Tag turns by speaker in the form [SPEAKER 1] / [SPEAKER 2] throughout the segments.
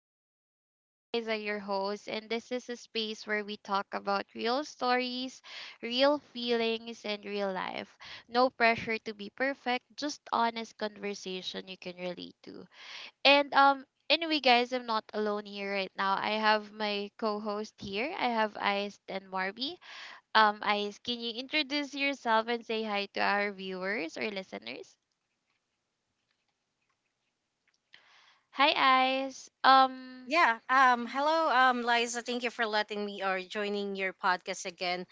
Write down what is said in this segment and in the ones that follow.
[SPEAKER 1] podcast. I'm Liza, your host, and this is a space where we talk about real stories, real feelings, and real life. No pressure to be perfect, just honest conversation you can relate to. And anyway guys, I'm not alone here right now. I have my co-host here. I have Ice and Marby. Ice, can you introduce yourself and say hi to our viewers or listeners? Hi Ice.
[SPEAKER 2] Yeah. Hello. Liza, thank you for letting me or joining your podcast again.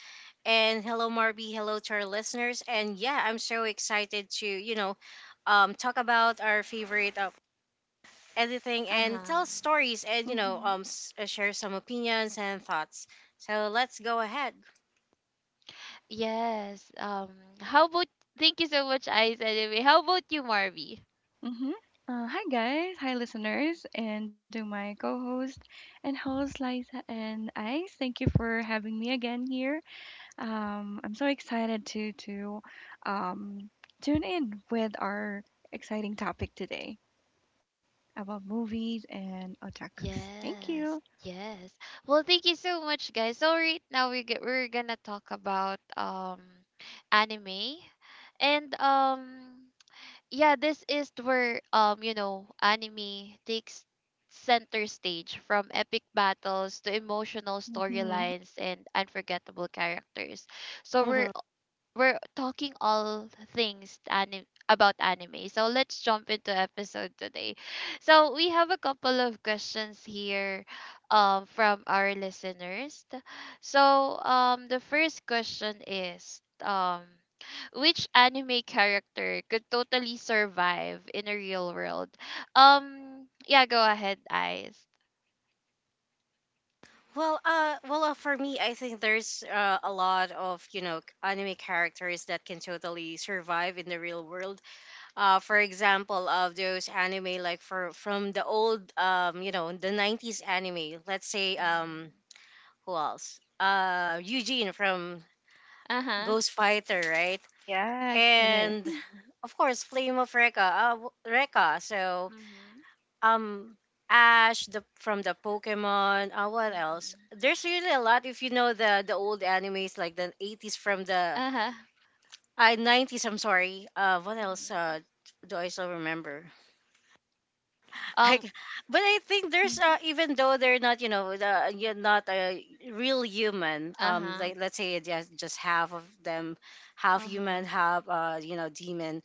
[SPEAKER 2] And hello, Marby. Hello to our listeners. And yeah, I'm so excited to talk about our favorite anything and
[SPEAKER 1] Uh-huh.
[SPEAKER 2] tell stories and
[SPEAKER 3] Mm-hmm.
[SPEAKER 2] share some opinions and thoughts. So let's go ahead.
[SPEAKER 1] Yes. How about Thank you so much, Ice. Anyway, how about you, Marvy?
[SPEAKER 3] Mm-hmm. Hi guys, hi listeners, and to my co-host and host Liza and Ice. Thank you for having me again here. So excited to um, tune in with our exciting topic today about movies and otakus. Thank you.
[SPEAKER 1] Yes. Yes. Well, thank you so much, guys. So right now we're gonna talk about anime, and yeah, this is where you know anime takes center stage from epic battles to emotional
[SPEAKER 3] Mm-hmm.
[SPEAKER 1] storylines and unforgettable characters. So we're
[SPEAKER 2] Hmm.
[SPEAKER 1] we're talking about anime. So let's jump into episode today. So we have a couple of questions here from our listeners. So the first question is, which anime character could totally survive in a real world? Yeah, go ahead, Eyes.
[SPEAKER 2] Well, for me, I think there's a lot of anime characters that can totally survive in the real world, for example, of those anime like for from the old the 90s anime. Let's say
[SPEAKER 1] Mhm.
[SPEAKER 2] who else? Eugene from
[SPEAKER 1] Uh huh.
[SPEAKER 2] Ghost Fighter, right?
[SPEAKER 3] Yes, it is.
[SPEAKER 2] And of course, Flame of Rekka, Rekka.
[SPEAKER 1] Mhm.
[SPEAKER 2] Um. Ash the from the Pokemon. What else?
[SPEAKER 1] Mhm.
[SPEAKER 2] There's really a lot if you know the old animes like the 80s from the
[SPEAKER 1] Uh huh.
[SPEAKER 2] 90s. I'm sorry. What else?
[SPEAKER 1] Mhm.
[SPEAKER 2] Do I still remember? Like,
[SPEAKER 1] Um.
[SPEAKER 2] but I think there's
[SPEAKER 3] Mhm.
[SPEAKER 2] even though they're not, you know, you're not a real human.
[SPEAKER 1] Uh huh.
[SPEAKER 2] Like let's say just half of them, half
[SPEAKER 1] Uh huh.
[SPEAKER 2] human, half demon.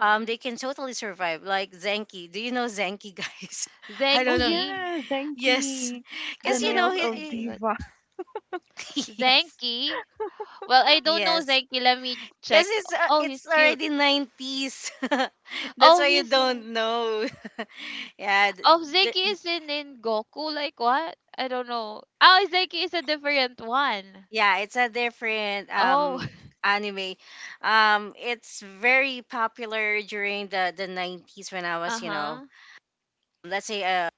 [SPEAKER 2] They can totally survive. Like Zenki. Do you know Zenki, guys? I
[SPEAKER 3] Oh
[SPEAKER 2] don't
[SPEAKER 1] Zenki.
[SPEAKER 2] know.
[SPEAKER 3] yeah,
[SPEAKER 2] Yes,
[SPEAKER 3] Zenki, the
[SPEAKER 1] I
[SPEAKER 2] because
[SPEAKER 1] don't
[SPEAKER 3] nails
[SPEAKER 1] know
[SPEAKER 3] of
[SPEAKER 1] Zenki,
[SPEAKER 2] he,
[SPEAKER 1] but
[SPEAKER 3] diva.
[SPEAKER 2] he yes,
[SPEAKER 1] Zenki. Well, I don't know
[SPEAKER 2] yes.
[SPEAKER 1] Zenki. Let me
[SPEAKER 2] Because
[SPEAKER 1] check.
[SPEAKER 2] it's uh,
[SPEAKER 1] Oh, he's
[SPEAKER 2] it's
[SPEAKER 1] cute.
[SPEAKER 2] already nineties. That's
[SPEAKER 1] Oh,
[SPEAKER 2] why you
[SPEAKER 1] he's
[SPEAKER 2] don't know. Yeah,
[SPEAKER 1] oh,
[SPEAKER 2] th-
[SPEAKER 1] Zenki is in Goku. Like what? I don't know. Oh, Zenki is a different one.
[SPEAKER 2] yeah, it's a different
[SPEAKER 1] Oh.
[SPEAKER 2] anime. It's very popular during the 90s when I
[SPEAKER 1] Uh
[SPEAKER 2] was, you know,
[SPEAKER 1] huh.
[SPEAKER 2] let's say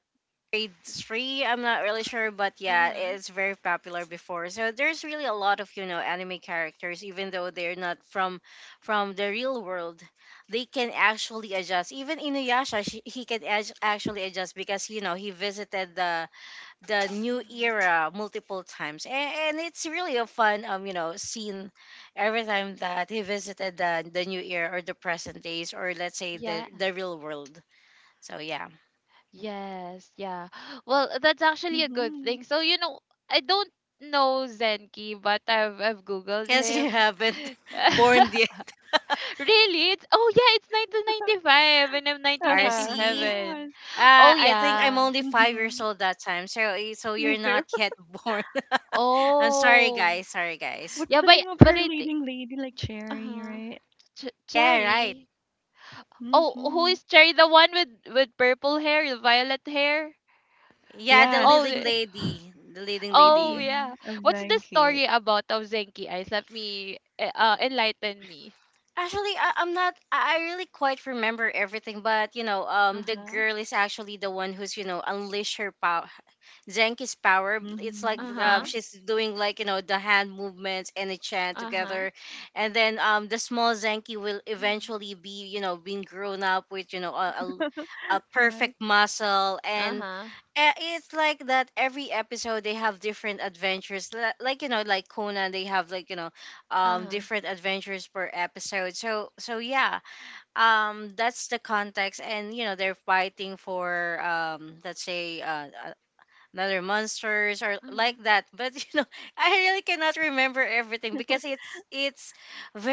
[SPEAKER 2] grade 3, I'm not really sure, but yeah,
[SPEAKER 1] Mhm.
[SPEAKER 2] it's very popular before. So there's really a lot of, you know, anime characters even though they're not from the real world. They can actually adjust. Even Inuyasha, she, he can actually adjust because, you know, he visited the new
[SPEAKER 1] Mhm.
[SPEAKER 2] era multiple times, and it's really a fun scene every time that he visited the new era, or the present days, or let's say the
[SPEAKER 1] Yeah.
[SPEAKER 2] the real world, so yeah.
[SPEAKER 1] Yes. Yeah. Well, that's actually a good
[SPEAKER 3] Mm-hmm.
[SPEAKER 1] thing. So you know, I don't know Zenki, but I've googled
[SPEAKER 2] Guess you
[SPEAKER 1] him.
[SPEAKER 2] haven't born yet,
[SPEAKER 1] Really? It's oh yeah, it's 1995 and I'm
[SPEAKER 3] Uh-huh.
[SPEAKER 2] rc.
[SPEAKER 1] 1997.
[SPEAKER 3] Yes.
[SPEAKER 1] Oh
[SPEAKER 2] I think I'm
[SPEAKER 1] yeah.
[SPEAKER 2] only 5 years
[SPEAKER 3] Mm-hmm.
[SPEAKER 2] old that time, so so you're
[SPEAKER 3] Me
[SPEAKER 2] not
[SPEAKER 3] too.
[SPEAKER 2] yet born. I'm sorry,
[SPEAKER 1] Oh.
[SPEAKER 2] guys. Sorry, guys.
[SPEAKER 3] What's
[SPEAKER 1] Yeah,
[SPEAKER 3] the name of
[SPEAKER 1] but
[SPEAKER 3] her
[SPEAKER 1] I think
[SPEAKER 3] leading lady? Like Cherry,
[SPEAKER 1] uh-huh.
[SPEAKER 3] right?
[SPEAKER 2] Yeah, right.
[SPEAKER 1] Cherry. Oh, who
[SPEAKER 3] Mm-hmm.
[SPEAKER 1] is Cherry? The one with purple hair, the violet hair?
[SPEAKER 2] Yeah, the
[SPEAKER 1] Oh,
[SPEAKER 3] Yes.
[SPEAKER 2] leading
[SPEAKER 1] the,
[SPEAKER 2] lady, the leading
[SPEAKER 1] oh
[SPEAKER 2] lady
[SPEAKER 1] yeah.
[SPEAKER 3] Mm-hmm. Of
[SPEAKER 1] What's the
[SPEAKER 3] Zanke.
[SPEAKER 1] story about of Zenki, Eyes? Enlighten me.
[SPEAKER 2] Actually, I'm not. I really quite remember everything, but you know, the
[SPEAKER 1] Uh-huh.
[SPEAKER 2] girl is actually the one who's unleash her power, Zenki's power. It's like
[SPEAKER 3] Mm-hmm.
[SPEAKER 1] Uh-huh.
[SPEAKER 3] Yeah.
[SPEAKER 2] she's doing like the hand movements and a chant
[SPEAKER 1] Uh-huh.
[SPEAKER 2] together, and then the small Zenki will
[SPEAKER 1] Mhm.
[SPEAKER 2] eventually be being grown up with a
[SPEAKER 3] Yes.
[SPEAKER 2] perfect muscle and
[SPEAKER 1] Uh-huh.
[SPEAKER 2] it's like that every episode. They have different adventures, like like Conan. They have like
[SPEAKER 1] Uh-huh.
[SPEAKER 2] different adventures per episode, so yeah. That's the context, and they're fighting for let's say another monsters or like
[SPEAKER 1] Mhm.
[SPEAKER 2] that, but I really cannot remember everything because it's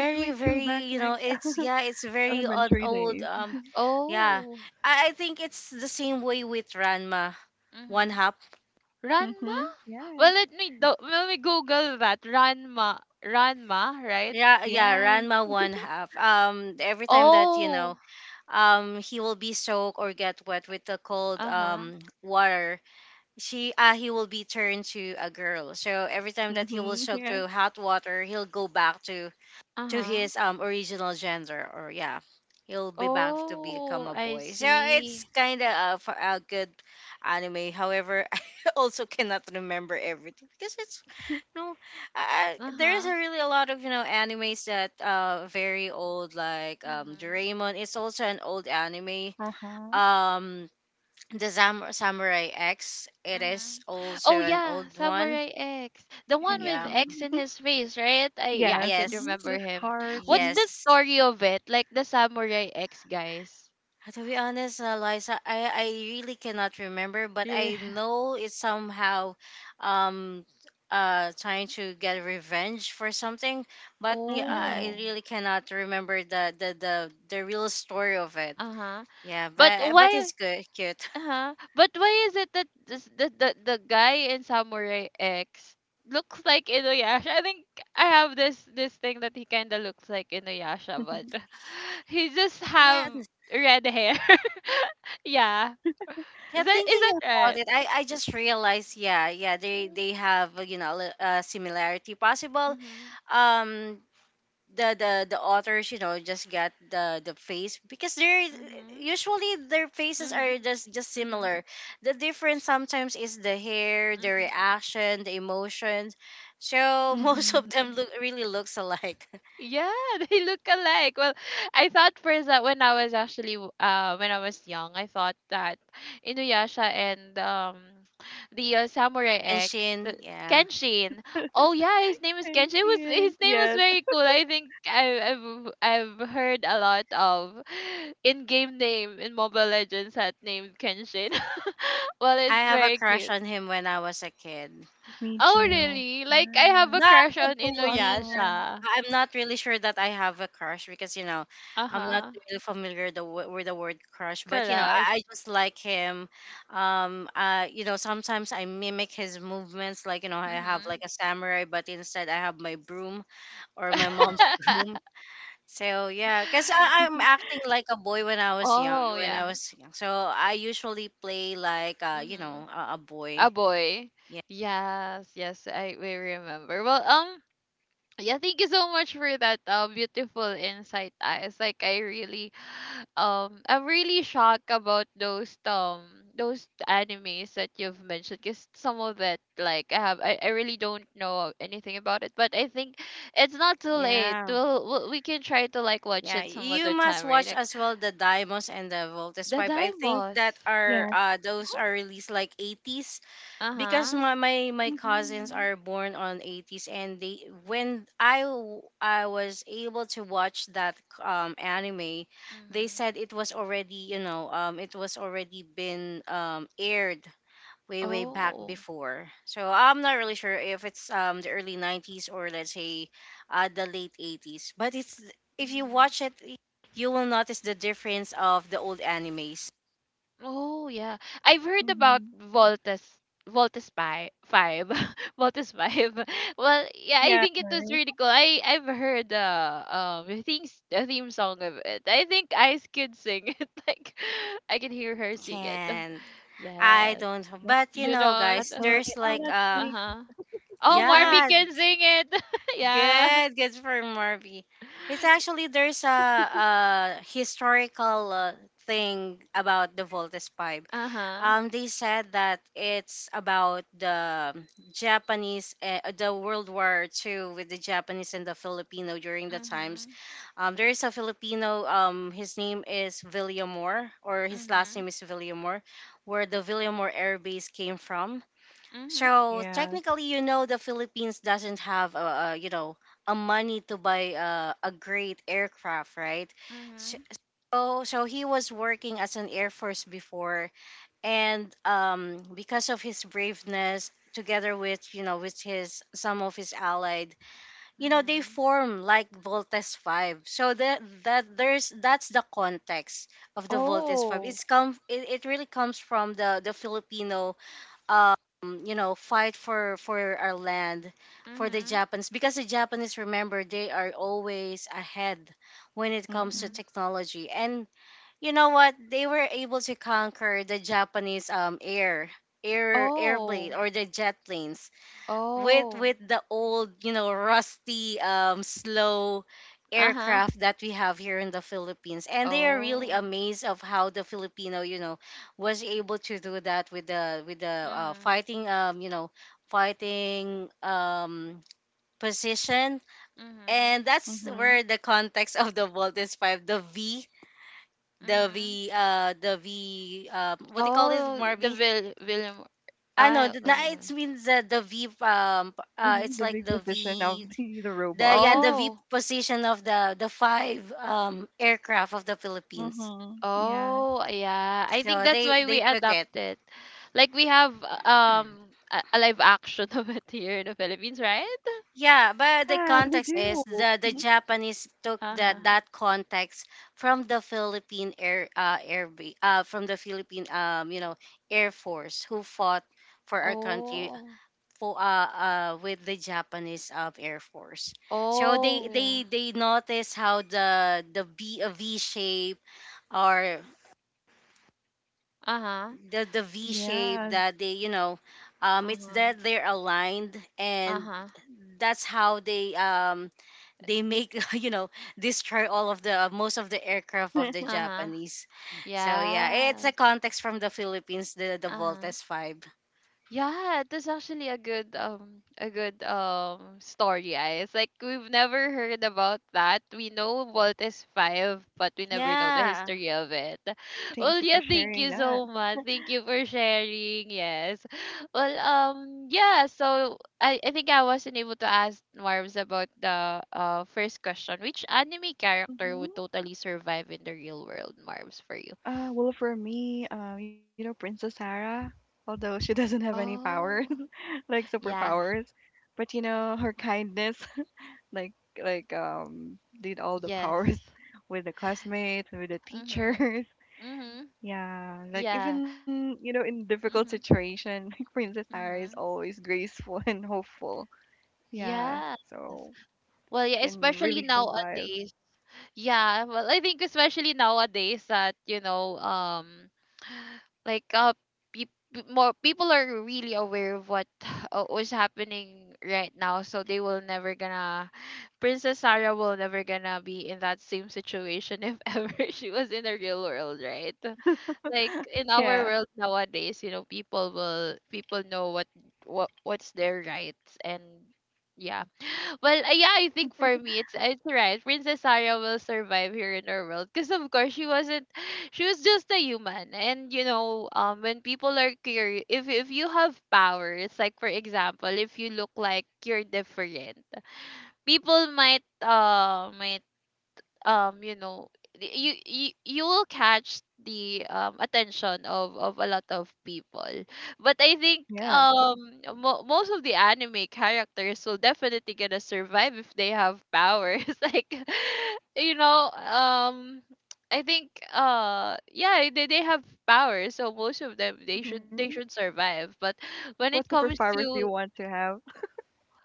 [SPEAKER 3] It's way too
[SPEAKER 2] very
[SPEAKER 3] back,
[SPEAKER 2] you know
[SPEAKER 3] like
[SPEAKER 2] it's yeah, it's very on
[SPEAKER 3] elementary
[SPEAKER 2] old,
[SPEAKER 3] days.
[SPEAKER 2] yeah.
[SPEAKER 1] Oh.
[SPEAKER 2] I think it's the same way with Ranma one
[SPEAKER 1] Mhm.
[SPEAKER 2] half.
[SPEAKER 1] Ranma?
[SPEAKER 3] Mm-hmm.
[SPEAKER 1] Well,
[SPEAKER 3] Yes.
[SPEAKER 1] let me Google that. Ranma, right?
[SPEAKER 2] Yeah, yeah,
[SPEAKER 3] Yes.
[SPEAKER 2] Ranma one half. Every time that
[SPEAKER 1] Oh,
[SPEAKER 2] he will be soaked or get wet with the cold
[SPEAKER 1] uh huh,
[SPEAKER 2] water, she he will be turned to a girl. So every time that he will
[SPEAKER 3] Mm-hmm.
[SPEAKER 2] soak
[SPEAKER 3] Yes.
[SPEAKER 2] to hot water, he'll go back to
[SPEAKER 1] uh huh.
[SPEAKER 2] his original gender, or yeah, he'll be back to become
[SPEAKER 1] Oh,
[SPEAKER 2] a
[SPEAKER 1] I
[SPEAKER 2] boy. So it's
[SPEAKER 1] see.
[SPEAKER 2] kind of a good anime, however, I also cannot remember everything because it's no
[SPEAKER 1] Uh
[SPEAKER 2] there is
[SPEAKER 1] huh.
[SPEAKER 2] a really a lot of animes that very old, like
[SPEAKER 1] Mm-hmm.
[SPEAKER 2] Doraemon is also an old anime,
[SPEAKER 3] Uh-huh.
[SPEAKER 2] um the Samurai X. It is
[SPEAKER 1] Mm-hmm.
[SPEAKER 2] also
[SPEAKER 1] Oh
[SPEAKER 2] an
[SPEAKER 1] yeah,
[SPEAKER 2] old one.
[SPEAKER 1] Samurai X, the one
[SPEAKER 3] Can
[SPEAKER 1] with
[SPEAKER 2] Yeah.
[SPEAKER 1] X in his face, right? I yeah, I
[SPEAKER 3] yes.
[SPEAKER 1] could
[SPEAKER 2] Yes,
[SPEAKER 3] Mm-hmm. The
[SPEAKER 1] remember him.
[SPEAKER 3] scars.
[SPEAKER 1] What's
[SPEAKER 3] Mm-hmm.
[SPEAKER 1] the
[SPEAKER 2] yes.
[SPEAKER 1] story of it? Like the Samurai X, guys.
[SPEAKER 2] To be honest, Liza, I really cannot remember, but
[SPEAKER 1] You're-
[SPEAKER 2] I know it's somehow um trying to get revenge for something, but yeah, I
[SPEAKER 3] Mm-hmm.
[SPEAKER 1] Oh,
[SPEAKER 2] really cannot remember the real story of it.
[SPEAKER 1] uh huh.
[SPEAKER 2] Yeah,
[SPEAKER 1] But
[SPEAKER 2] but
[SPEAKER 1] why?
[SPEAKER 2] it's good, cute.
[SPEAKER 1] Uh-huh. But why is it that this, the guy in Samurai X looks like Inuyasha? I think I have this this thing that he kind of looks like Inuyasha, but he just
[SPEAKER 2] Yeah,
[SPEAKER 1] have red hair. Yeah.
[SPEAKER 2] yeah.
[SPEAKER 1] Is
[SPEAKER 2] Thinking
[SPEAKER 1] that
[SPEAKER 2] about
[SPEAKER 1] right?
[SPEAKER 2] it, I just realized, yeah, yeah. They have, similarity possible.
[SPEAKER 1] Mhm.
[SPEAKER 2] Um, the authors just get the face because they're
[SPEAKER 1] Mhm.
[SPEAKER 2] usually their faces
[SPEAKER 1] Mhm.
[SPEAKER 2] are just
[SPEAKER 1] Mhm.
[SPEAKER 2] similar. The difference sometimes is the hair, the reaction, the emotions. So
[SPEAKER 1] Mhm.
[SPEAKER 2] most
[SPEAKER 3] Mm-hmm.
[SPEAKER 2] of them look, really looks alike.
[SPEAKER 1] Yeah, they look alike. Well, I thought first that when I was actually when I was young, I thought that Inuyasha and the Samurai
[SPEAKER 2] And
[SPEAKER 1] X, the
[SPEAKER 2] Shin, yeah.
[SPEAKER 1] Kenshin. Oh yeah, his name is Kenshin. It was
[SPEAKER 3] And
[SPEAKER 1] his name was
[SPEAKER 3] yes.
[SPEAKER 1] very cool. I've heard a lot of in-game name in Mobile Legends that named Kenshin. Well, it's
[SPEAKER 2] I have a
[SPEAKER 1] very
[SPEAKER 2] crush
[SPEAKER 1] cute.
[SPEAKER 2] on him when I was a kid.
[SPEAKER 3] Me
[SPEAKER 1] Oh
[SPEAKER 3] too.
[SPEAKER 1] really? Like I have a
[SPEAKER 3] Yes.
[SPEAKER 2] not,
[SPEAKER 1] crush
[SPEAKER 2] not
[SPEAKER 3] He's
[SPEAKER 1] on
[SPEAKER 3] so
[SPEAKER 2] really,
[SPEAKER 3] handsome.
[SPEAKER 1] Inuyasha.
[SPEAKER 2] I'm not really sure that I have a crush because
[SPEAKER 1] Uh
[SPEAKER 2] I'm not
[SPEAKER 1] huh.
[SPEAKER 2] really familiar the, with the word crush, but you know,
[SPEAKER 1] Crush.
[SPEAKER 2] I just like him. Sometimes I mimic his movements, like I have like
[SPEAKER 1] Mhm.
[SPEAKER 2] a samurai, but instead I have my broom, or my mom's broom. So yeah, because I'm acting like a boy when I was young.
[SPEAKER 1] Oh
[SPEAKER 2] When
[SPEAKER 1] yeah,
[SPEAKER 2] I was young, so I usually play like
[SPEAKER 1] Mhm.
[SPEAKER 2] a
[SPEAKER 1] A
[SPEAKER 2] boy.
[SPEAKER 1] boy.
[SPEAKER 2] Yeah,
[SPEAKER 1] Yes, yes, I we remember. Well, yeah, thank you so much for that beautiful insight. Ah. It's like I really, I'm really shocked about those animes that you've mentioned. Cause some of it, like I really don't know anything about it. But I think it's not too late.
[SPEAKER 2] yeah.
[SPEAKER 1] We can try to like watch
[SPEAKER 2] Yeah,
[SPEAKER 1] it some
[SPEAKER 2] you
[SPEAKER 1] other time,
[SPEAKER 2] must
[SPEAKER 1] right?
[SPEAKER 2] watch
[SPEAKER 1] Like
[SPEAKER 2] as well the Dimos and the Voltes
[SPEAKER 1] the
[SPEAKER 2] 5. I think
[SPEAKER 1] Daimos.
[SPEAKER 2] that are,
[SPEAKER 3] Yes.
[SPEAKER 2] those are released like 80s, because
[SPEAKER 1] Uh-huh.
[SPEAKER 2] my cousins
[SPEAKER 3] Mm-hmm.
[SPEAKER 2] are born on 80s, and they when I w- I was able to watch that anime. They said
[SPEAKER 1] Mm-hmm.
[SPEAKER 2] it was already, you know, it was already been aired way, way back
[SPEAKER 1] Oh.
[SPEAKER 2] before. So I'm not really sure if it's the early 90s or let's say the late 80s, but it's if you watch
[SPEAKER 1] Mm-hmm.
[SPEAKER 2] it, you will notice the difference of the old animes.
[SPEAKER 1] Oh, yeah. I've heard about
[SPEAKER 3] Mm-hmm.
[SPEAKER 1] Voltes Voltes Pi 5. Voltes 5. Well, yeah, I
[SPEAKER 3] Yeah,
[SPEAKER 1] think it was
[SPEAKER 3] right.
[SPEAKER 1] really cool. I've heard the things the theme song of it. I think Ice could sing it. Like I can hear her sing it.
[SPEAKER 2] Can I
[SPEAKER 1] Yes.
[SPEAKER 2] don't know,
[SPEAKER 3] Yeah.
[SPEAKER 2] but you
[SPEAKER 1] You
[SPEAKER 2] know,
[SPEAKER 1] don't.
[SPEAKER 2] guys,
[SPEAKER 3] Atole,
[SPEAKER 2] there's like
[SPEAKER 3] arashi,
[SPEAKER 1] Uh-huh. Oh,
[SPEAKER 3] like that.
[SPEAKER 1] Marvy
[SPEAKER 2] yeah.
[SPEAKER 1] can sing it. Yeah.
[SPEAKER 2] Good, good for Marvy. It's actually, there's a historical thing about the Voltes pipe.
[SPEAKER 1] Uh-huh.
[SPEAKER 2] They said that it's about the Japanese, the World War II with the Japanese and the Filipino during the times.
[SPEAKER 1] Mm-hmm.
[SPEAKER 2] There is a Filipino. His name is Villamor, or his last
[SPEAKER 1] Mm-hmm.
[SPEAKER 2] name is Villamor, where the Villamor Air Base came from.
[SPEAKER 1] Mm-hmm.
[SPEAKER 2] So
[SPEAKER 3] Yeah.
[SPEAKER 2] technically, you know, the Philippines doesn't have a you know a money to buy a great aircraft, right?
[SPEAKER 1] Mm-hmm.
[SPEAKER 2] So he was working as an air force before, and because of his braveness, together with you know with his some of his allied, they
[SPEAKER 1] Mhm.
[SPEAKER 2] form like Voltes 5. So that's the context of the Voltes 5.
[SPEAKER 1] Oh.
[SPEAKER 2] It really comes from the Filipino, um, fight for our land, for the
[SPEAKER 1] Mhm.
[SPEAKER 2] Japanese, because the Japanese, remember, they are always ahead when it comes to
[SPEAKER 3] Mhm.
[SPEAKER 1] Mhm.
[SPEAKER 2] technology. And you know what? They were able to conquer the Japanese, airplane,
[SPEAKER 1] Oh.
[SPEAKER 2] or the jet planes, with
[SPEAKER 1] Oh.
[SPEAKER 2] the old, you know, rusty, slow
[SPEAKER 1] Uh-huh.
[SPEAKER 2] aircraft that we have here in the Philippines, and they are really
[SPEAKER 1] Oh.
[SPEAKER 2] amazed of how the Filipino, you know, was able to do that with the
[SPEAKER 1] Mhm.
[SPEAKER 2] fighting, fighting position.
[SPEAKER 1] Mhm.
[SPEAKER 2] And that's
[SPEAKER 3] Mhm.
[SPEAKER 2] where the context of the Voltes 5, the V,
[SPEAKER 1] Mhm.
[SPEAKER 2] What do you call it,
[SPEAKER 1] Oh, the
[SPEAKER 2] Marby?
[SPEAKER 1] Will William.
[SPEAKER 2] I know
[SPEAKER 1] I
[SPEAKER 2] the it means that the V,
[SPEAKER 3] Mhm.
[SPEAKER 2] it's
[SPEAKER 3] The
[SPEAKER 2] like
[SPEAKER 3] big
[SPEAKER 2] the
[SPEAKER 3] position of
[SPEAKER 2] V.
[SPEAKER 3] the
[SPEAKER 2] The
[SPEAKER 3] robot.
[SPEAKER 2] Yeah, the VIP
[SPEAKER 1] oh,
[SPEAKER 2] position of the five aircraft of the Philippines.
[SPEAKER 3] Mhm. Yes.
[SPEAKER 1] oh yeah. I think
[SPEAKER 2] So
[SPEAKER 1] that's
[SPEAKER 2] they
[SPEAKER 1] why
[SPEAKER 2] they
[SPEAKER 1] we
[SPEAKER 2] took it.
[SPEAKER 1] adopt it. Like we have a live action of it here in the Philippines, right?
[SPEAKER 2] Yeah, but the
[SPEAKER 3] Yes, we
[SPEAKER 2] context is
[SPEAKER 3] do.
[SPEAKER 2] the
[SPEAKER 3] Mhm.
[SPEAKER 2] Japanese took
[SPEAKER 1] Uh huh.
[SPEAKER 2] that context from the Philippine from the Philippine, air force, who fought for our country,
[SPEAKER 1] Oh,
[SPEAKER 2] for with the Japanese, air force. So they
[SPEAKER 1] oh yeah.
[SPEAKER 2] they they notice how the B a V shape or
[SPEAKER 1] Uh huh.
[SPEAKER 2] the V shape
[SPEAKER 3] Yes.
[SPEAKER 2] that they, you know
[SPEAKER 1] Uh
[SPEAKER 2] it's
[SPEAKER 1] huh.
[SPEAKER 2] that they're aligned,
[SPEAKER 1] Uh
[SPEAKER 2] and
[SPEAKER 1] huh.
[SPEAKER 2] that's how they, make you know, destroy all of the, most of the aircraft of the
[SPEAKER 1] Uh huh.
[SPEAKER 2] Japanese. So yeah, it's a
[SPEAKER 1] Yes.
[SPEAKER 2] context from the Philippines, the
[SPEAKER 1] Uh-huh.
[SPEAKER 2] Voltes 5.
[SPEAKER 1] Yeah, that's actually a good story. I it's like we've never heard about that. We know Walt is five, but we never know the
[SPEAKER 2] Yeah,
[SPEAKER 1] history of it.
[SPEAKER 3] Thank
[SPEAKER 1] Well,
[SPEAKER 3] you
[SPEAKER 1] yeah,
[SPEAKER 3] for
[SPEAKER 1] thank
[SPEAKER 3] sharing
[SPEAKER 1] you
[SPEAKER 3] that.
[SPEAKER 1] so much. Thank you for sharing. Yes. Well, yeah, so I think I wasn't able to ask Marv's about the first question. Which anime character
[SPEAKER 3] Mhm.
[SPEAKER 1] would totally survive in the real world, Marv's, for you?
[SPEAKER 3] Well, for me, you know, Princess Sarah, although she doesn't have any power,
[SPEAKER 1] Oh,
[SPEAKER 3] like
[SPEAKER 1] yeah.
[SPEAKER 3] superpowers, but you know, her kindness, like did all the
[SPEAKER 1] Yes.
[SPEAKER 3] powers with the classmates, with the
[SPEAKER 1] Mhm.
[SPEAKER 3] teachers.
[SPEAKER 1] Mhm.
[SPEAKER 3] Yeah, like
[SPEAKER 1] Yeah.
[SPEAKER 3] even, you know, in difficult
[SPEAKER 1] Mhm.
[SPEAKER 3] situation, like Princess Sarah is
[SPEAKER 1] Mhm.
[SPEAKER 3] always graceful and hopeful. Yeah,
[SPEAKER 1] Yes.
[SPEAKER 3] so
[SPEAKER 1] Well, yeah,
[SPEAKER 3] she can
[SPEAKER 1] especially
[SPEAKER 3] really survive.
[SPEAKER 1] nowadays. Yeah, well, I think especially nowadays that, you know, like peop more people are really aware of what was happening right now, so they will never gonna Princess Sarah will never gonna be in that same situation if ever she was in the real world, right? Like in our
[SPEAKER 3] Yeah,
[SPEAKER 1] world nowadays, you know, people know what what's their rights and yeah. Well yeah, I think for me it's right, princess Sarah will survive here in our world because of course she wasn't she was just a human. And you know, when people are curious, if you have powers, like for example, if you look like you're different, people might you know you you will catch the attention of a lot of people. But I think
[SPEAKER 3] yes.
[SPEAKER 1] most of the anime characters will definitely gonna survive if they have powers. Like, you know, I think
[SPEAKER 2] yeah.
[SPEAKER 1] yeah, they have powers, so most of them
[SPEAKER 3] Mm-hmm.
[SPEAKER 1] they should survive. But
[SPEAKER 3] What
[SPEAKER 1] when it comes
[SPEAKER 3] superpowers do you
[SPEAKER 1] to
[SPEAKER 3] want to have?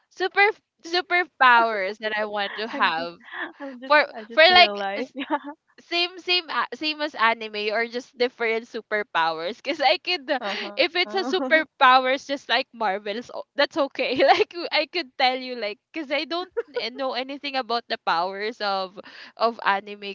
[SPEAKER 1] super superpowers that I want to
[SPEAKER 3] I just,
[SPEAKER 1] have,
[SPEAKER 3] I'm just, I
[SPEAKER 1] for
[SPEAKER 3] just
[SPEAKER 1] like
[SPEAKER 3] realized.
[SPEAKER 1] same same as anime or just different superpowers? Because I could if it's a
[SPEAKER 3] Uh-huh.
[SPEAKER 1] superpowers just like marvels that's okay. Like I could tell you, like, because I don't know anything about the powers of anime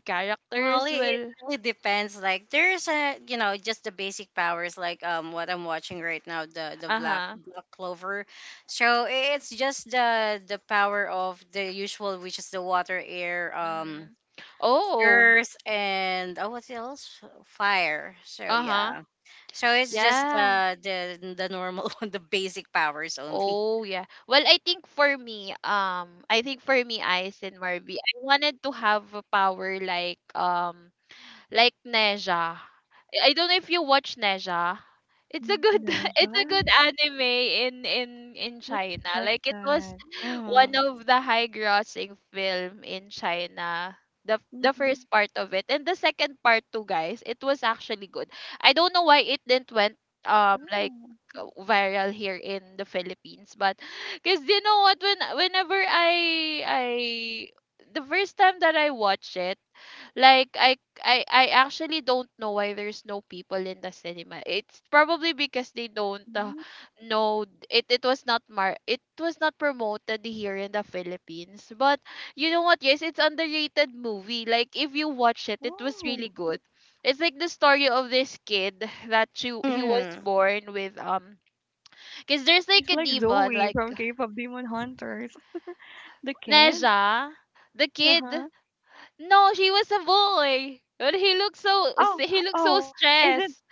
[SPEAKER 2] Well,
[SPEAKER 1] characters.
[SPEAKER 2] it
[SPEAKER 1] Well,
[SPEAKER 2] really depends. Like there's a you know just the basic powers, like what I'm watching right now, the black
[SPEAKER 1] uh-huh,
[SPEAKER 2] black Clover. So, it's just the power of the usual, which is the water, air,
[SPEAKER 1] hmm, oh,
[SPEAKER 2] earth, and, oh, what else, fire. So
[SPEAKER 1] uh-huh,
[SPEAKER 2] yeah, so it's just
[SPEAKER 1] yeah.
[SPEAKER 2] the normal one, the basic powers only.
[SPEAKER 1] Oh yeah, well I think for me, I think for me, ice and marby, I wanted to have a power like Neja. I don't know if you watch Neja. It's a good it's a
[SPEAKER 3] Ninja?
[SPEAKER 1] good anime in
[SPEAKER 3] Let's
[SPEAKER 1] China.
[SPEAKER 3] check
[SPEAKER 1] Like it was
[SPEAKER 3] that.
[SPEAKER 1] one
[SPEAKER 2] Mm-hmm.
[SPEAKER 1] of the high grossing film in China. The first
[SPEAKER 3] Mm-hmm.
[SPEAKER 1] part of it and the second part too, guys. It was actually good. I don't know why it didn't went like
[SPEAKER 3] Oh.
[SPEAKER 1] viral here in the Philippines, but because you know what, whenever I the first time that I watched it, like I actually don't know why there's no people in the cinema. It's probably because they don't
[SPEAKER 3] Mhm.
[SPEAKER 1] know, it was not mar it was not promoted here in the Philippines. But you know what? Yes, it's underrated movie. Like if you watch it, it was really
[SPEAKER 3] Oh.
[SPEAKER 1] good. It's like the story of this kid that he was
[SPEAKER 2] Mm-hmm.
[SPEAKER 1] born with because there's like
[SPEAKER 3] She's
[SPEAKER 1] a
[SPEAKER 3] like
[SPEAKER 1] demon
[SPEAKER 3] Zoe
[SPEAKER 1] like
[SPEAKER 3] from K-pop Demon Hunters. The kid?
[SPEAKER 1] Neja, the kid.
[SPEAKER 3] Uh-huh.
[SPEAKER 1] No, she was a boy. But
[SPEAKER 3] Oh,
[SPEAKER 1] he looks so
[SPEAKER 3] oh, is
[SPEAKER 1] stressed.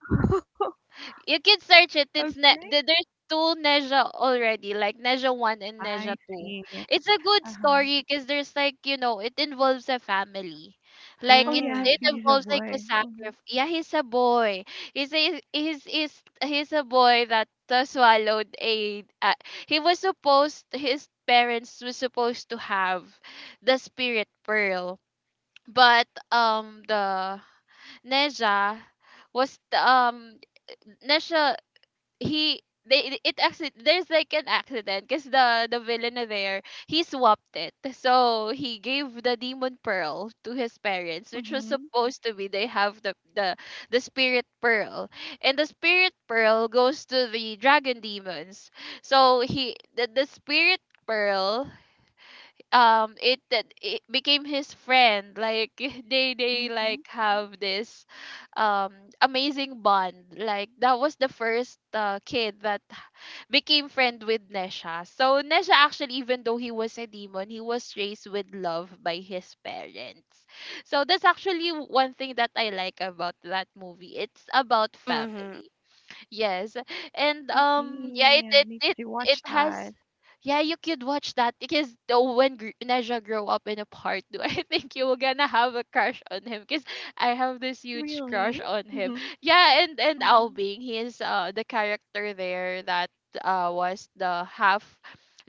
[SPEAKER 3] it?
[SPEAKER 1] You can search it.
[SPEAKER 3] Okay,
[SPEAKER 1] There's two Neja already, like Neja one and
[SPEAKER 3] I
[SPEAKER 1] Neja two.
[SPEAKER 3] see.
[SPEAKER 1] It's a good
[SPEAKER 3] Uh-huh.
[SPEAKER 1] story because there's like you know it involves a family, like
[SPEAKER 3] Oh
[SPEAKER 1] it
[SPEAKER 3] yeah,
[SPEAKER 1] it
[SPEAKER 3] she's a
[SPEAKER 1] involves like a
[SPEAKER 3] boy. Mhm,
[SPEAKER 1] sacrifice. Yeah, he's a boy. He's a boy that swallowed a. He was supposed his parents were supposed to have the spirit pearl, but the Neja was the, Nesha he they it actually there's like an accident because the villain there he swapped it, so he gave the demon pearl to his parents, which was
[SPEAKER 3] mhm,
[SPEAKER 1] supposed to be they have the spirit pearl, and the spirit pearl goes to the dragon demons. So the spirit pearl, it that it became his friend, like they like
[SPEAKER 3] mhm.
[SPEAKER 1] have this um amazing bond. Like that was the first kid that became friend with Nesha. So Nesha actually, even though he was a demon, he was raised with love by his parents. So that's actually one thing that I like about that movie, it's about
[SPEAKER 2] Mm-hmm.
[SPEAKER 1] family. Yes. And
[SPEAKER 3] I
[SPEAKER 1] yeah,
[SPEAKER 3] see. I need to
[SPEAKER 1] it
[SPEAKER 3] watch
[SPEAKER 1] has
[SPEAKER 3] that.
[SPEAKER 1] yeah, you could watch that because the, Neja grow up in a part two, I think you were gonna have a crush on him because I have this huge crush
[SPEAKER 3] Really?
[SPEAKER 1] on him.
[SPEAKER 3] Mhm,
[SPEAKER 1] Yeah, and
[SPEAKER 3] mhm.
[SPEAKER 1] Albing, he is the character there that was the half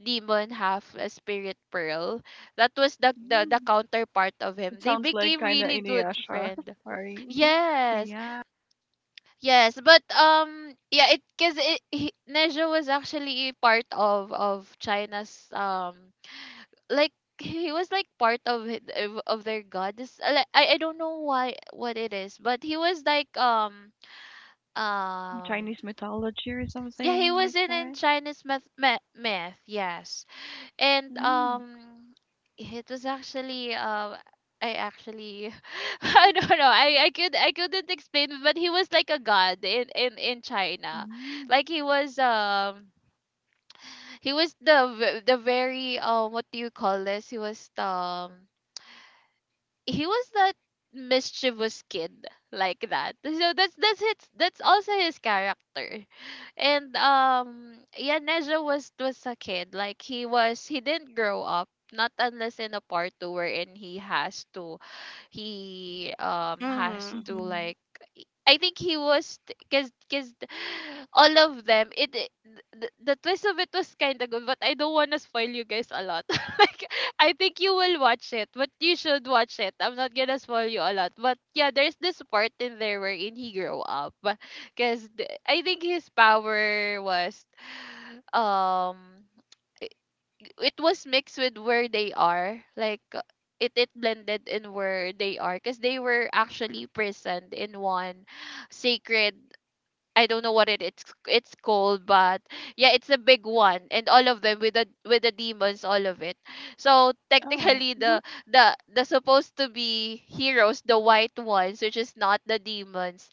[SPEAKER 1] demon, half a spirit pearl. That was the
[SPEAKER 3] Mm.
[SPEAKER 1] counterpart of
[SPEAKER 3] It
[SPEAKER 1] him. They
[SPEAKER 3] sounds like
[SPEAKER 1] became
[SPEAKER 3] kind of
[SPEAKER 1] really good
[SPEAKER 3] Inuyasha.
[SPEAKER 1] friend.
[SPEAKER 3] Sorry. Oh
[SPEAKER 1] Yes,
[SPEAKER 3] yeah,
[SPEAKER 1] yes, but yeah, it cuz it he, Nejo was actually part of China's, like he was like part of it- of their goddess. I don't know why what it is, but he was like
[SPEAKER 3] mm,
[SPEAKER 1] um
[SPEAKER 3] Chinese mythology or
[SPEAKER 1] yeah, he
[SPEAKER 3] something
[SPEAKER 1] was
[SPEAKER 3] like
[SPEAKER 1] in
[SPEAKER 3] that.
[SPEAKER 1] Chinese myth myth, myth yes. And
[SPEAKER 3] Mm,
[SPEAKER 1] it was actually, I actually, I don't know. I couldn't explain it, but he was like a god in China.
[SPEAKER 3] mm,
[SPEAKER 1] Like he was, he was the the very, what do you call this? He was, he was that mischievous kid like that. So that's also his character. And yeah, Neja was a kid. Like he didn't grow up. Not unless in a part two wherein he has to,
[SPEAKER 2] Mm-hmm.
[SPEAKER 3] mhm.
[SPEAKER 1] like, I think he was because all of them, the twist of it was kind of good, but I don't want to spoil you guys a lot. Like, I think you will watch it, but you should watch it. I'm not gonna spoil you a lot, but yeah, there's this part in there wherein he grew up, because I think his power was, um it was mixed with where they are, like, it blended in where they are because they were actually present in one sacred, I don't know what it, it's called, but yeah, it's a big one, and all of them with the demons, all of it. So
[SPEAKER 3] Oh,
[SPEAKER 1] technically,
[SPEAKER 3] mhm.
[SPEAKER 1] the supposed to be heroes, the white ones, which is not the demons,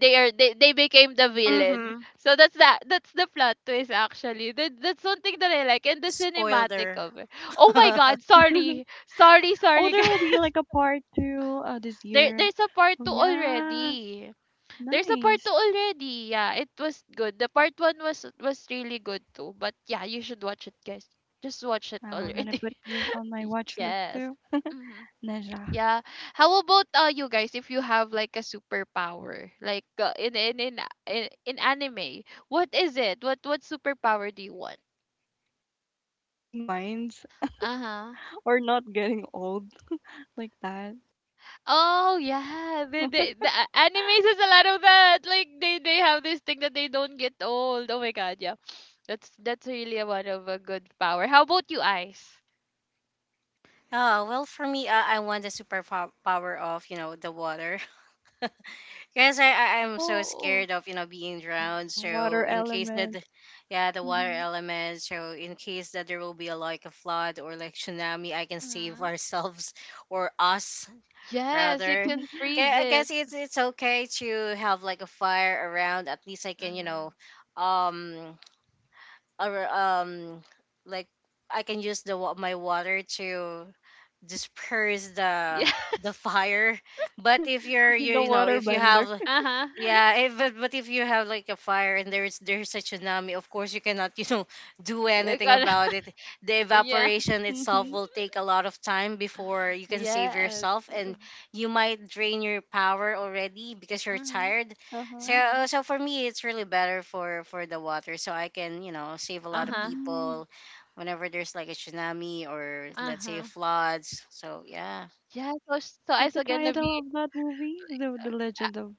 [SPEAKER 1] they became the villain.
[SPEAKER 2] Mm-hmm.
[SPEAKER 1] So that's the plot twist actually. That's one thing that I like, and the cinematic
[SPEAKER 2] Spoiler.
[SPEAKER 1] of it. Oh my god, sorry. Sorry,
[SPEAKER 3] Oh,
[SPEAKER 1] sorry
[SPEAKER 3] there
[SPEAKER 1] guys.
[SPEAKER 3] will be like a part two this
[SPEAKER 1] There
[SPEAKER 3] year.
[SPEAKER 1] there's a part
[SPEAKER 3] Oh
[SPEAKER 1] 2
[SPEAKER 3] yeah,
[SPEAKER 1] already. There's a part 2
[SPEAKER 3] nice.
[SPEAKER 1] already. Yeah, it was good. The part 1 was really good too. But yeah, you should watch it guys. Just watch it
[SPEAKER 3] Well, gonna
[SPEAKER 1] already.
[SPEAKER 3] put this on my watch list
[SPEAKER 1] Yes.
[SPEAKER 3] too.
[SPEAKER 1] Mm-hmm.
[SPEAKER 3] Neja,
[SPEAKER 1] Yeah. How about, you guys, if you have like a superpower, like, in a- in in anime, what is it, what superpower do you want?
[SPEAKER 3] reading minds
[SPEAKER 1] Uh-huh.
[SPEAKER 3] or not getting old like that.
[SPEAKER 1] Oh yeah, the, animes has a lot of that. Like they have this thing that they don't get old. Oh my god, yeah. That's really a one of a good power. How about you, Ice?
[SPEAKER 2] Oh, well, for me, I want the superpower power of, the water. Because I'm so
[SPEAKER 1] Oh.
[SPEAKER 2] scared of, being drowned. So,
[SPEAKER 3] Water
[SPEAKER 2] in case that,
[SPEAKER 3] element.
[SPEAKER 2] yeah, the water
[SPEAKER 3] Mm-hmm.
[SPEAKER 2] element. So, in case that there will be like a flood or like tsunami, I can save
[SPEAKER 1] Mhm.
[SPEAKER 2] ourselves or us
[SPEAKER 1] Yes, you
[SPEAKER 2] rather.
[SPEAKER 1] can
[SPEAKER 2] 'Kay,
[SPEAKER 1] freeze
[SPEAKER 2] I
[SPEAKER 1] it.
[SPEAKER 2] guess it's okay to have like a fire around. At least I can,
[SPEAKER 1] Mhm.
[SPEAKER 2] um, or, like, I can use my water to disperse the
[SPEAKER 1] Yes.
[SPEAKER 2] fire. But if you're you,
[SPEAKER 3] The
[SPEAKER 2] you know
[SPEAKER 3] water
[SPEAKER 2] if you have
[SPEAKER 3] bender.
[SPEAKER 1] Uh-huh.
[SPEAKER 2] yeah, if, but if you have like a fire and there's a tsunami, of course you cannot, do
[SPEAKER 1] You
[SPEAKER 2] anything
[SPEAKER 1] gotta-
[SPEAKER 2] about it. The
[SPEAKER 1] yeah.
[SPEAKER 2] evaporation
[SPEAKER 3] Mm-hmm.
[SPEAKER 2] itself will take a lot of time before you can save
[SPEAKER 1] Yes.
[SPEAKER 2] yourself, and you might drain your power already because you're
[SPEAKER 1] Mhm.
[SPEAKER 2] tired.
[SPEAKER 3] Uh-huh.
[SPEAKER 2] So uh,
[SPEAKER 1] Mhm.
[SPEAKER 2] so for me, it's really better for the water, so I can, save a lot of
[SPEAKER 1] Uh-huh.
[SPEAKER 3] Mm.
[SPEAKER 2] people whenever there's like a tsunami or let's say
[SPEAKER 1] Uh-huh.
[SPEAKER 2] floods. So yeah,
[SPEAKER 1] Yeah, so so
[SPEAKER 3] What's
[SPEAKER 1] I's
[SPEAKER 3] the
[SPEAKER 1] gonna
[SPEAKER 3] title
[SPEAKER 1] be,
[SPEAKER 3] of that movie? The Legend of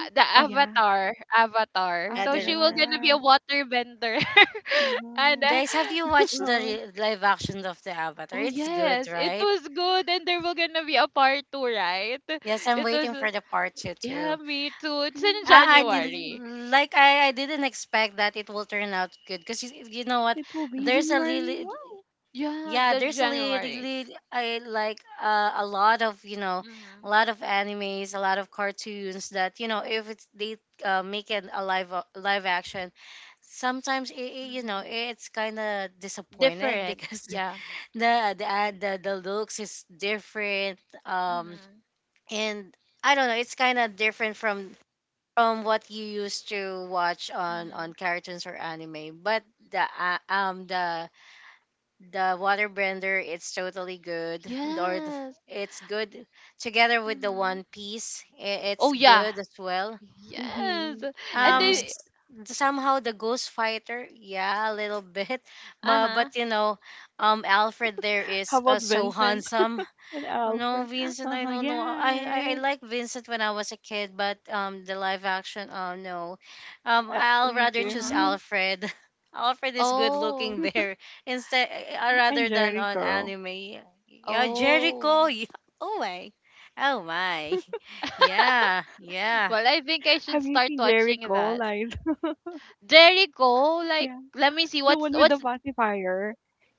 [SPEAKER 1] the
[SPEAKER 3] Oh yeah,
[SPEAKER 1] avatar, avatar. So
[SPEAKER 2] yeah.
[SPEAKER 1] she will gonna
[SPEAKER 3] Avatar.
[SPEAKER 1] be a water bender, and,
[SPEAKER 3] Mm-hmm.
[SPEAKER 2] Guys, have you watched the
[SPEAKER 1] uh,
[SPEAKER 2] live action of the Avatar?
[SPEAKER 1] oh
[SPEAKER 2] It's good,
[SPEAKER 1] yes, it
[SPEAKER 2] right?
[SPEAKER 1] was good. And there will gonna be a part two, right?
[SPEAKER 2] Yes, I'm
[SPEAKER 1] It
[SPEAKER 2] waiting
[SPEAKER 1] was,
[SPEAKER 2] for the part two
[SPEAKER 1] yeah,
[SPEAKER 2] too.
[SPEAKER 1] me too. It's in
[SPEAKER 2] I, I
[SPEAKER 3] Mm-hmm.
[SPEAKER 1] January.
[SPEAKER 2] didn't like I, I didn't expect that it will turn out good because you know what?
[SPEAKER 3] It will be
[SPEAKER 2] There's a
[SPEAKER 3] January.
[SPEAKER 2] really
[SPEAKER 3] Wow.
[SPEAKER 1] Yeah,
[SPEAKER 2] yeah,
[SPEAKER 1] the
[SPEAKER 2] there's a really,
[SPEAKER 1] January.
[SPEAKER 2] really, I like, a lot of, a
[SPEAKER 1] Mhm.
[SPEAKER 2] lot of animes, a lot of cartoons that, you know, if it's they make it a live action, sometimes you know,
[SPEAKER 1] Mhm.
[SPEAKER 2] it's kind of disappointed
[SPEAKER 1] Different.
[SPEAKER 2] because
[SPEAKER 1] Yeah.
[SPEAKER 2] the looks is different, um
[SPEAKER 1] Mhm.
[SPEAKER 2] and I don't know, it's kind of different from what you used to watch on
[SPEAKER 1] Mhm.
[SPEAKER 2] cartoons or anime. But the uh, um the the waterbender, it's totally good. or the-
[SPEAKER 1] Yes.
[SPEAKER 2] it's good. Together with the
[SPEAKER 1] Mhm.
[SPEAKER 2] One Piece, it's
[SPEAKER 1] Oh yeah.
[SPEAKER 2] good as well.
[SPEAKER 1] Yes,
[SPEAKER 3] Mm-hmm.
[SPEAKER 1] and
[SPEAKER 2] um
[SPEAKER 3] Yeah.
[SPEAKER 1] they,
[SPEAKER 2] s- Somehow the Ghost Fighter, yeah, a little bit. But,
[SPEAKER 1] uh-huh,
[SPEAKER 2] you know, Alfred there
[SPEAKER 3] How
[SPEAKER 2] is,
[SPEAKER 3] about
[SPEAKER 2] so
[SPEAKER 3] Vincent
[SPEAKER 2] handsome.
[SPEAKER 3] and
[SPEAKER 2] Oh, no,
[SPEAKER 3] Alfred?
[SPEAKER 2] Vincent, I
[SPEAKER 3] Uh-huh.
[SPEAKER 2] don't know.
[SPEAKER 3] Yeah.
[SPEAKER 2] I
[SPEAKER 3] Right.
[SPEAKER 2] like Vincent when I was a kid, but the live action, oh no. Um,
[SPEAKER 3] Me
[SPEAKER 2] I'll rather choose
[SPEAKER 3] too.
[SPEAKER 1] uh-huh.
[SPEAKER 2] Alfred. Alfred is good looking
[SPEAKER 1] Oh,
[SPEAKER 2] there instead,
[SPEAKER 3] and
[SPEAKER 2] rather than on
[SPEAKER 3] Jericho.
[SPEAKER 2] anime. Yeah, Jericho.
[SPEAKER 1] oh.
[SPEAKER 2] Yeah. Oh my. Oh my. Yeah, yeah.
[SPEAKER 1] Well, I think I should
[SPEAKER 3] Have you
[SPEAKER 1] start
[SPEAKER 3] seen
[SPEAKER 1] watching
[SPEAKER 3] Jericho
[SPEAKER 1] that.
[SPEAKER 3] live?
[SPEAKER 1] There you go. Like,
[SPEAKER 3] Yeah,
[SPEAKER 1] let me see
[SPEAKER 3] the
[SPEAKER 1] what's
[SPEAKER 3] one with the
[SPEAKER 1] what's.
[SPEAKER 3] pacifier.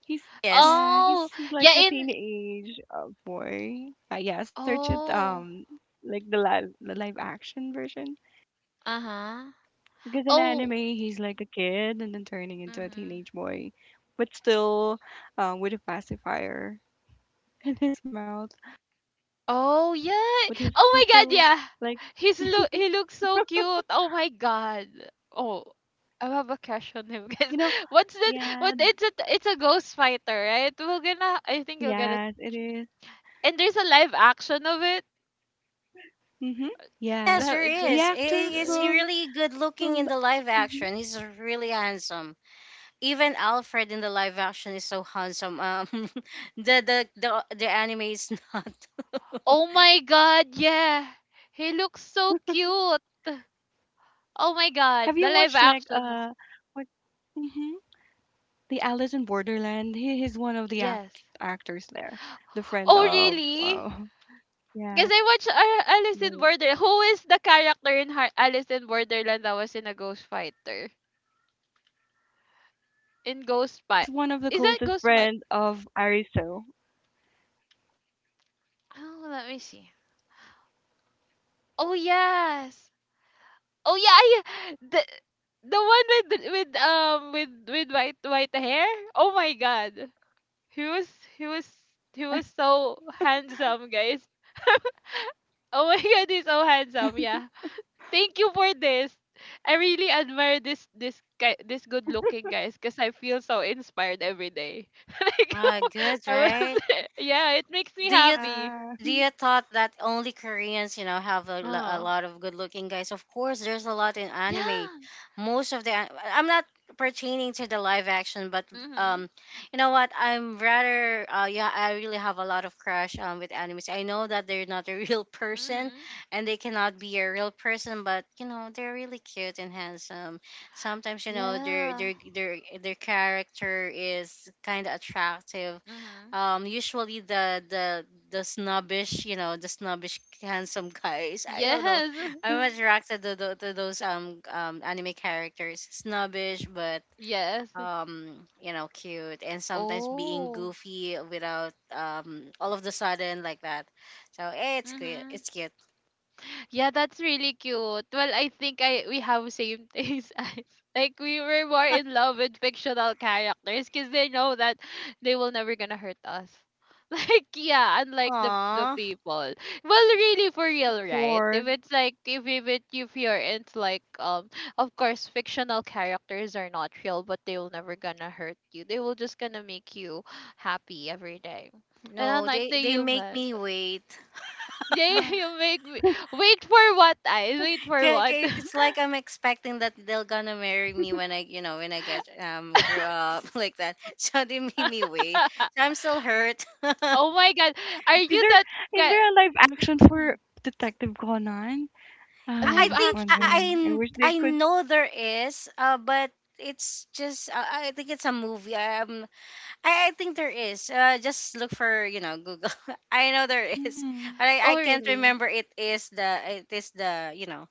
[SPEAKER 3] He's
[SPEAKER 2] Yes.
[SPEAKER 3] Yeah,
[SPEAKER 1] Oh,
[SPEAKER 3] he's
[SPEAKER 1] yeah.
[SPEAKER 3] like a
[SPEAKER 1] In,
[SPEAKER 3] teenage boy. Yeah, search it.
[SPEAKER 1] oh,
[SPEAKER 3] Like the live action version
[SPEAKER 1] uh-huh.
[SPEAKER 3] because in anime
[SPEAKER 1] Oh,
[SPEAKER 3] he's like a kid and then turning into a
[SPEAKER 1] mm-hmm.
[SPEAKER 3] teenage boy, but still, with a pacifier in his mouth.
[SPEAKER 1] Oh yeah.
[SPEAKER 3] But his
[SPEAKER 1] Oh
[SPEAKER 3] his
[SPEAKER 1] my God,
[SPEAKER 3] so
[SPEAKER 1] yeah.
[SPEAKER 3] like
[SPEAKER 1] He looks so cute. Oh my God. Oh. I have a crush on him, because,
[SPEAKER 3] you know
[SPEAKER 1] what's that? What
[SPEAKER 3] yeah
[SPEAKER 1] it's a ghost fighter, right? We're gonna I think you're gonna.
[SPEAKER 3] yes it is.
[SPEAKER 1] And there's a live action of it.
[SPEAKER 3] Mhm.
[SPEAKER 2] Yes,
[SPEAKER 3] Yes.
[SPEAKER 2] there
[SPEAKER 3] The
[SPEAKER 2] is.
[SPEAKER 3] actor
[SPEAKER 2] He's
[SPEAKER 3] from
[SPEAKER 2] really good looking
[SPEAKER 3] from
[SPEAKER 2] in the live
[SPEAKER 3] mhm.
[SPEAKER 2] action. He's really handsome. Even Alfred in the live action is so handsome. The anime is not.
[SPEAKER 1] Oh my god, yeah. He looks so cute. Oh my
[SPEAKER 3] Have
[SPEAKER 1] god,
[SPEAKER 3] you
[SPEAKER 1] the live
[SPEAKER 3] watched like
[SPEAKER 1] action
[SPEAKER 3] what mhm? The Alice in Borderland. He's one of the
[SPEAKER 1] Yes.
[SPEAKER 3] actors there. The friend
[SPEAKER 1] Oh
[SPEAKER 3] of
[SPEAKER 1] really? Because
[SPEAKER 3] yeah.
[SPEAKER 1] I watched, Alice in
[SPEAKER 3] The,
[SPEAKER 1] Borderland. Who is the character in Alice in Borderland that was in a Ghost Fighter?
[SPEAKER 3] yeah, I forget his
[SPEAKER 1] In
[SPEAKER 3] name,
[SPEAKER 1] Ghost
[SPEAKER 3] but he's
[SPEAKER 1] Fight.
[SPEAKER 3] one of the
[SPEAKER 1] Is that
[SPEAKER 3] closest
[SPEAKER 1] Ghost Fight?
[SPEAKER 3] friend of Ariso.
[SPEAKER 1] Oh, let me see. Oh yes. Oh yeah, yeah. The one with white hair. Oh my god. He was he was he was so handsome, guys. Oh my god, he's so handsome. Yeah. Thank you for this. I really admire this guy, this good looking guys, because I feel so inspired every day. Like,
[SPEAKER 2] Ah, good,
[SPEAKER 1] I was,
[SPEAKER 2] right?
[SPEAKER 1] yeah, it makes me
[SPEAKER 2] Do you
[SPEAKER 1] happy.
[SPEAKER 3] Yeah.
[SPEAKER 2] do you thought that only Koreans, you know, have a, a
[SPEAKER 1] Oh.
[SPEAKER 2] lot of good looking guys? Of course, there's a lot in anime.
[SPEAKER 1] Yeah.
[SPEAKER 2] Most of the an- I'm not pertaining to the live action, but
[SPEAKER 1] Mhm.
[SPEAKER 2] um, you know what? I'm rather, yeah, I really have a lot of crush with animes. I know that they're not a real person,
[SPEAKER 1] Mhm.
[SPEAKER 2] and they cannot be a real person, but you know they're really cute and handsome. Sometimes you know
[SPEAKER 1] Yeah.
[SPEAKER 2] their character is kind of attractive.
[SPEAKER 1] Mhm.
[SPEAKER 2] Usually the snobbish, you know, the snobbish handsome
[SPEAKER 3] Mhm.
[SPEAKER 2] guys, I don't know,
[SPEAKER 1] Yes.
[SPEAKER 2] I'm attracted to, to those anime characters, snobbish but
[SPEAKER 1] Yes.
[SPEAKER 2] you know, cute and sometimes being
[SPEAKER 1] Oh.
[SPEAKER 2] goofy without all of the sudden like that. So, it's cute,
[SPEAKER 1] Mhm.
[SPEAKER 2] it's cute.
[SPEAKER 1] Yeah, that's really
[SPEAKER 3] Mhm.
[SPEAKER 1] cute. Well, I think I we have same taste, as, like, we were more in love with fictional characters because they know that they will never gonna hurt us. Like, yeah, unlike the
[SPEAKER 2] Aww,
[SPEAKER 1] people. Well,
[SPEAKER 3] Fourth.
[SPEAKER 1] really for real,
[SPEAKER 3] Mhm.
[SPEAKER 1] right? If it's like if it, if you're into, like, of course fictional characters are not real, but they will never gonna hurt you. They will just gonna make you happy every day. And
[SPEAKER 2] no,
[SPEAKER 1] unlike the
[SPEAKER 2] they make
[SPEAKER 1] humans.
[SPEAKER 2] me wait.
[SPEAKER 3] Yeah.
[SPEAKER 1] Jay, you make me wait for what? I wait for
[SPEAKER 2] Okay,
[SPEAKER 1] what?
[SPEAKER 2] okay, it's like I'm expecting that they're gonna marry me when I, you know, when I get grew up like that. So they made me wait. So I'm still hurt.
[SPEAKER 1] Oh my god, are
[SPEAKER 3] Is
[SPEAKER 1] you
[SPEAKER 3] there
[SPEAKER 1] that
[SPEAKER 3] is there
[SPEAKER 1] guy?
[SPEAKER 3] a live action for
[SPEAKER 1] Mhm.
[SPEAKER 3] Detective Conan? I'm
[SPEAKER 1] Live
[SPEAKER 2] I
[SPEAKER 3] just
[SPEAKER 2] think I
[SPEAKER 1] action.
[SPEAKER 3] wondering. I wish
[SPEAKER 2] I
[SPEAKER 3] they
[SPEAKER 2] I
[SPEAKER 3] could.
[SPEAKER 2] know there is, but
[SPEAKER 3] There
[SPEAKER 2] it's
[SPEAKER 3] is?
[SPEAKER 2] just I think it's a movie. I think there is. Just look for, you know, Google. I know there is,
[SPEAKER 3] Mhm.
[SPEAKER 2] but I
[SPEAKER 1] Oh
[SPEAKER 2] can't
[SPEAKER 1] really?
[SPEAKER 2] remember. It is the, you know,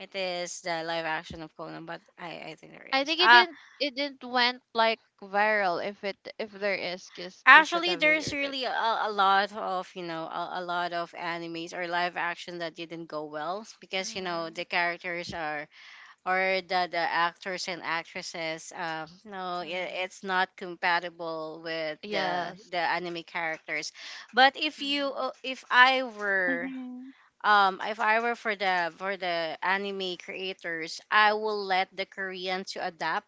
[SPEAKER 2] it is the
[SPEAKER 3] Yeah,
[SPEAKER 2] live
[SPEAKER 3] right.
[SPEAKER 2] action of Conan, but I think there
[SPEAKER 1] I
[SPEAKER 2] is.
[SPEAKER 1] think it didn't. It didn't went like viral. If it if there is, cause they should
[SPEAKER 2] Actually,
[SPEAKER 1] have
[SPEAKER 2] there's
[SPEAKER 1] aired it.
[SPEAKER 2] really a
[SPEAKER 3] Probably
[SPEAKER 2] lot
[SPEAKER 3] wait for
[SPEAKER 2] of, you know,
[SPEAKER 3] him.
[SPEAKER 2] a lot of animes or live action that didn't go well because you know the
[SPEAKER 1] Hmm.
[SPEAKER 2] characters are, or the actors and actresses, no,
[SPEAKER 1] Hmm.
[SPEAKER 2] it's not compatible with the
[SPEAKER 1] Yes.
[SPEAKER 2] the anime characters. But if you,
[SPEAKER 1] Hmm.
[SPEAKER 3] Mhm.
[SPEAKER 2] if I were for the, anime creators, I will let the Korean to adapt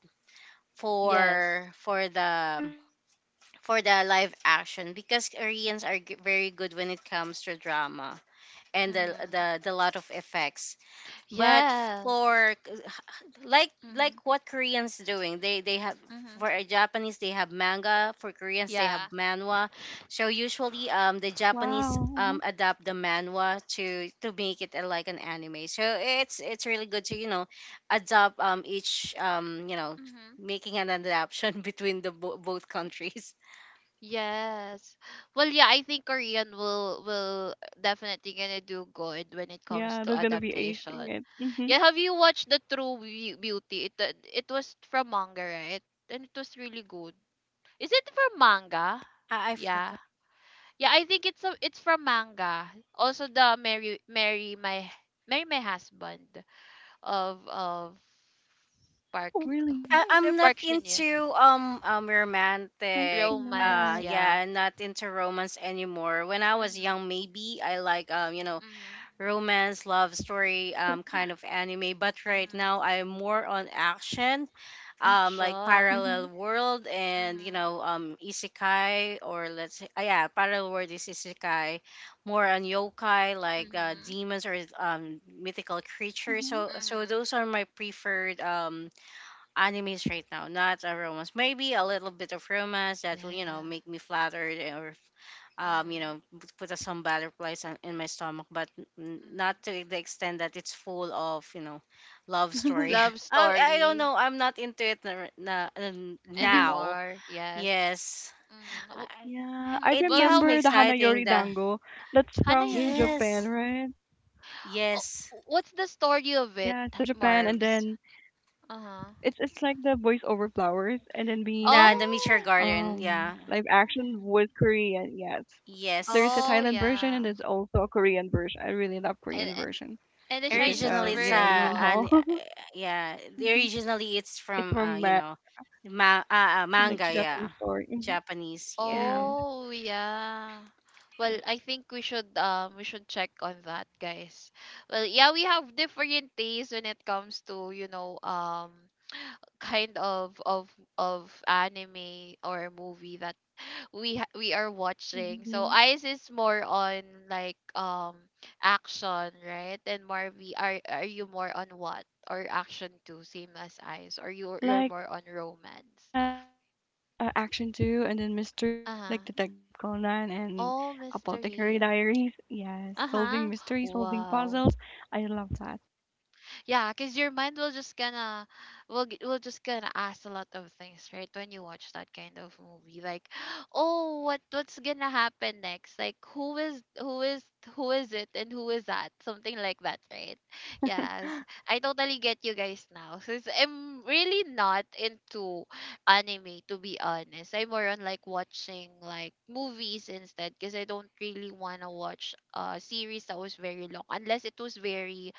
[SPEAKER 1] Yes.
[SPEAKER 2] for for the
[SPEAKER 3] Yeah, right.
[SPEAKER 2] for the live action, because Koreans are very good when it comes to drama and
[SPEAKER 1] Hmm.
[SPEAKER 2] the lot of effects.
[SPEAKER 3] True. Mhm.
[SPEAKER 2] But
[SPEAKER 1] Yes.
[SPEAKER 2] for, like
[SPEAKER 1] Hmm.
[SPEAKER 2] what Koreans doing, they have,
[SPEAKER 1] Hmm.
[SPEAKER 2] for a Japanese they have manga, for Koreans they have
[SPEAKER 1] Yeah.
[SPEAKER 2] manhwa. So usually the
[SPEAKER 3] Wow. Mhm.
[SPEAKER 2] Japanese adapt the manhwa to make it, like an anime. So it's really good to, you know, adopt each, you know, making an adaptation between the both countries.
[SPEAKER 1] Yes. Well, yeah, I think Korean will definitely gonna do good when it comes
[SPEAKER 3] Yeah,
[SPEAKER 1] to
[SPEAKER 3] they're gonna be
[SPEAKER 1] adaptation.
[SPEAKER 3] acing it. Mhm.
[SPEAKER 1] Yeah, have you watched The True Beauty? It, it was from manga, right? And it was really good. Is it from
[SPEAKER 3] What?
[SPEAKER 1] manga?
[SPEAKER 2] I
[SPEAKER 1] Yeah.
[SPEAKER 2] forgot.
[SPEAKER 1] Yeah, I think it's from manga. Also the Marry My Husband, of
[SPEAKER 3] Oh,
[SPEAKER 1] Park.
[SPEAKER 3] really?
[SPEAKER 2] I,
[SPEAKER 1] What was
[SPEAKER 2] I'm
[SPEAKER 1] it?
[SPEAKER 2] not
[SPEAKER 1] Park Shin Ye.
[SPEAKER 2] into
[SPEAKER 3] Nice to know
[SPEAKER 2] romantic.
[SPEAKER 3] that.
[SPEAKER 1] Romance,
[SPEAKER 2] Uh,
[SPEAKER 1] yeah.
[SPEAKER 2] yeah, I'm not into romance anymore. When I was
[SPEAKER 1] Mhm.
[SPEAKER 2] young, maybe I like, you know,
[SPEAKER 1] Mhm.
[SPEAKER 2] romance, love story, kind of anime. But right
[SPEAKER 1] Mhm.
[SPEAKER 2] now, I'm more on action, like
[SPEAKER 1] Action.
[SPEAKER 3] Mhm.
[SPEAKER 2] Parallel World and, you
[SPEAKER 1] Mhm.
[SPEAKER 2] know, isekai, or let's say, yeah, Parallel World is isekai, more on yokai, like,
[SPEAKER 1] Mhm.
[SPEAKER 2] demons or mythical
[SPEAKER 3] Mhm.
[SPEAKER 2] creatures. So, so
[SPEAKER 1] Mhm.
[SPEAKER 2] those are my preferred animes right now, not a romance. Maybe a little bit of romance that will, you know,
[SPEAKER 1] Yeah.
[SPEAKER 2] make me flattered, or, you
[SPEAKER 1] Mhm.
[SPEAKER 2] know, put some butterflies on, in my stomach, but not
[SPEAKER 1] Mhm.
[SPEAKER 2] to the extent that it's full of, you know, love
[SPEAKER 3] Mhm.
[SPEAKER 2] story.
[SPEAKER 1] Love
[SPEAKER 2] I don't
[SPEAKER 1] story
[SPEAKER 2] know. I'm not into it now.
[SPEAKER 1] anymore. Yes.
[SPEAKER 2] Yes.
[SPEAKER 1] Mhm.
[SPEAKER 2] I,
[SPEAKER 3] Yeah, I
[SPEAKER 1] Mhm.
[SPEAKER 3] remember
[SPEAKER 2] it
[SPEAKER 3] the
[SPEAKER 1] Well,
[SPEAKER 2] gives
[SPEAKER 1] how
[SPEAKER 2] me
[SPEAKER 1] about
[SPEAKER 3] Hanayori
[SPEAKER 2] exciting
[SPEAKER 3] Dango.
[SPEAKER 2] the,
[SPEAKER 3] That's from
[SPEAKER 1] Hana
[SPEAKER 3] Japan,
[SPEAKER 2] yes,
[SPEAKER 1] Yoridanko?
[SPEAKER 3] right?
[SPEAKER 1] Oh,
[SPEAKER 2] yes.
[SPEAKER 1] what's the
[SPEAKER 3] Yes, that's from
[SPEAKER 1] story of it,
[SPEAKER 3] Japan, and then
[SPEAKER 1] Marv's?
[SPEAKER 3] it's like the
[SPEAKER 1] Uh-huh.
[SPEAKER 3] voice over flowers, and then being like
[SPEAKER 2] The Meteor
[SPEAKER 1] Oh.
[SPEAKER 2] Garden.
[SPEAKER 3] Live
[SPEAKER 2] Yeah.
[SPEAKER 3] action was Korean, yes. There's a Thailand
[SPEAKER 2] Yes.
[SPEAKER 1] Oh,
[SPEAKER 3] version and there's
[SPEAKER 1] yeah.
[SPEAKER 3] also a Korean version. I really love Korean
[SPEAKER 1] And
[SPEAKER 3] version
[SPEAKER 1] and the
[SPEAKER 3] because
[SPEAKER 1] Chinese
[SPEAKER 3] of,
[SPEAKER 2] Originally,
[SPEAKER 3] you
[SPEAKER 2] it's
[SPEAKER 3] know, Lee Min Ho.
[SPEAKER 2] an
[SPEAKER 1] version.
[SPEAKER 2] yeah,
[SPEAKER 3] Mhm.
[SPEAKER 2] originally, it's
[SPEAKER 3] It's
[SPEAKER 2] from,
[SPEAKER 3] from
[SPEAKER 2] you know,
[SPEAKER 3] like
[SPEAKER 2] manga.
[SPEAKER 3] Japanese
[SPEAKER 2] Yeah,
[SPEAKER 3] story. Mhm.
[SPEAKER 2] Japanese.
[SPEAKER 3] It is.
[SPEAKER 2] Yeah,
[SPEAKER 1] Oh, yeah. Well,
[SPEAKER 2] okay.
[SPEAKER 1] I think we should check on that, guys. Well, yeah, we have different tastes when it comes to, kind of anime or movie that we are watching.
[SPEAKER 3] Mm-hmm.
[SPEAKER 1] So Ice is more on, like, action, right? And Marvy, are you more on what? Or action too, same as Ice, or you're
[SPEAKER 3] Like,
[SPEAKER 1] more on
[SPEAKER 3] oh
[SPEAKER 1] romance.
[SPEAKER 3] yes, action too, and then mystery, like
[SPEAKER 1] Uh-huh.
[SPEAKER 3] Detective Conan and
[SPEAKER 1] Oh,
[SPEAKER 3] Apothecary
[SPEAKER 1] mystery.
[SPEAKER 3] Diaries. Yes, solving
[SPEAKER 1] Uh-huh.
[SPEAKER 3] mysteries, solving
[SPEAKER 1] Wow.
[SPEAKER 3] puzzles. I love that.
[SPEAKER 1] Yeah, because your mind will just gonna ask a lot of things, right? When you watch that kind of movie, like, oh, what's gonna happen next? Like, who is it, and who is that? Something like that, right? Yes, I totally get you guys now. Since I'm really not into anime, to be honest, I'm more on, like, watching like movies instead, because I don't really wanna watch a series that was very long, unless it was very,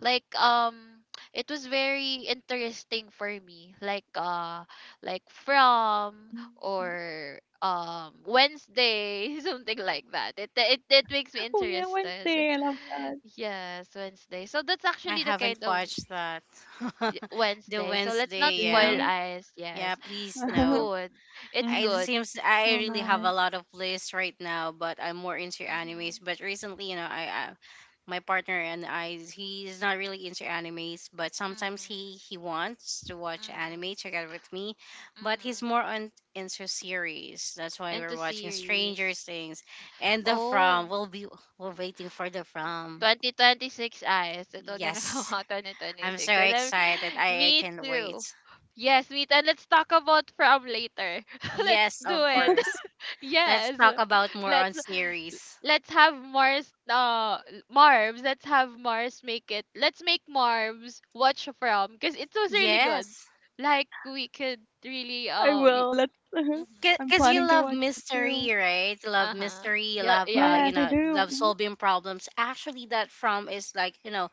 [SPEAKER 1] like, it was very interesting for me, like, like,
[SPEAKER 3] Hmm.
[SPEAKER 1] from, or Wednesday, something like that. It makes me
[SPEAKER 3] Oh yeah,
[SPEAKER 1] interested.
[SPEAKER 3] Wednesday. I love that.
[SPEAKER 1] Yes, Wednesday, so that's
[SPEAKER 2] I
[SPEAKER 1] actually the
[SPEAKER 2] haven't
[SPEAKER 1] kind of.
[SPEAKER 2] watched that. The
[SPEAKER 1] Wednesday, so let's not
[SPEAKER 2] Wednesday.
[SPEAKER 1] spoil
[SPEAKER 2] Yeah,
[SPEAKER 3] Wednesday.
[SPEAKER 1] eyes.
[SPEAKER 2] yeah.
[SPEAKER 1] Yes,
[SPEAKER 2] Please
[SPEAKER 1] it's
[SPEAKER 2] no.
[SPEAKER 1] good. It's
[SPEAKER 2] It
[SPEAKER 3] hmm.
[SPEAKER 1] good.
[SPEAKER 2] seems I
[SPEAKER 3] Oh,
[SPEAKER 2] really have
[SPEAKER 3] nice.
[SPEAKER 2] a
[SPEAKER 1] Mm-hmm,
[SPEAKER 2] lot of lists right now, but I'm more into
[SPEAKER 1] mm-hmm,
[SPEAKER 2] animes. But recently, you know, I, my partner and I, he is not really into animes, but sometimes he
[SPEAKER 1] mm-hmm,
[SPEAKER 2] he wants to watch
[SPEAKER 1] mm-hmm.
[SPEAKER 2] anime together with me, but he's more on into series. That's why we're
[SPEAKER 1] Into
[SPEAKER 2] watching Stranger
[SPEAKER 1] series.
[SPEAKER 2] Things and The From.
[SPEAKER 1] Oh,
[SPEAKER 2] We're waiting for The From.
[SPEAKER 1] 2026 eyes. It will gonna come
[SPEAKER 2] Yes,
[SPEAKER 1] out
[SPEAKER 2] I'm so
[SPEAKER 1] 2026. And then,
[SPEAKER 2] excited. I
[SPEAKER 1] me
[SPEAKER 2] can't
[SPEAKER 1] too.
[SPEAKER 2] wait.
[SPEAKER 1] Yes, meet and let's talk about from later. Let's
[SPEAKER 2] Yes,
[SPEAKER 1] do
[SPEAKER 2] of
[SPEAKER 1] it.
[SPEAKER 2] course. Let's
[SPEAKER 1] Yes.
[SPEAKER 2] talk about more
[SPEAKER 1] Let's
[SPEAKER 2] on series.
[SPEAKER 1] let's have Mars, Marbs. Let's have Mars make it. Let's make Marbs watch from, because it was really good.
[SPEAKER 2] Yes.
[SPEAKER 1] Like, we could really
[SPEAKER 3] I will. Let's.
[SPEAKER 1] hmm,
[SPEAKER 3] I'm
[SPEAKER 2] Because you
[SPEAKER 3] planning to
[SPEAKER 2] love
[SPEAKER 3] watch it
[SPEAKER 2] mystery,
[SPEAKER 3] too.
[SPEAKER 2] right? You love
[SPEAKER 1] uh-huh.
[SPEAKER 2] mystery, you
[SPEAKER 1] Yeah,
[SPEAKER 2] love,
[SPEAKER 1] yeah.
[SPEAKER 2] you
[SPEAKER 3] Yes, I
[SPEAKER 2] know,
[SPEAKER 3] do.
[SPEAKER 2] love
[SPEAKER 3] Mhm.
[SPEAKER 2] solving problems. Actually, that From is like, you know,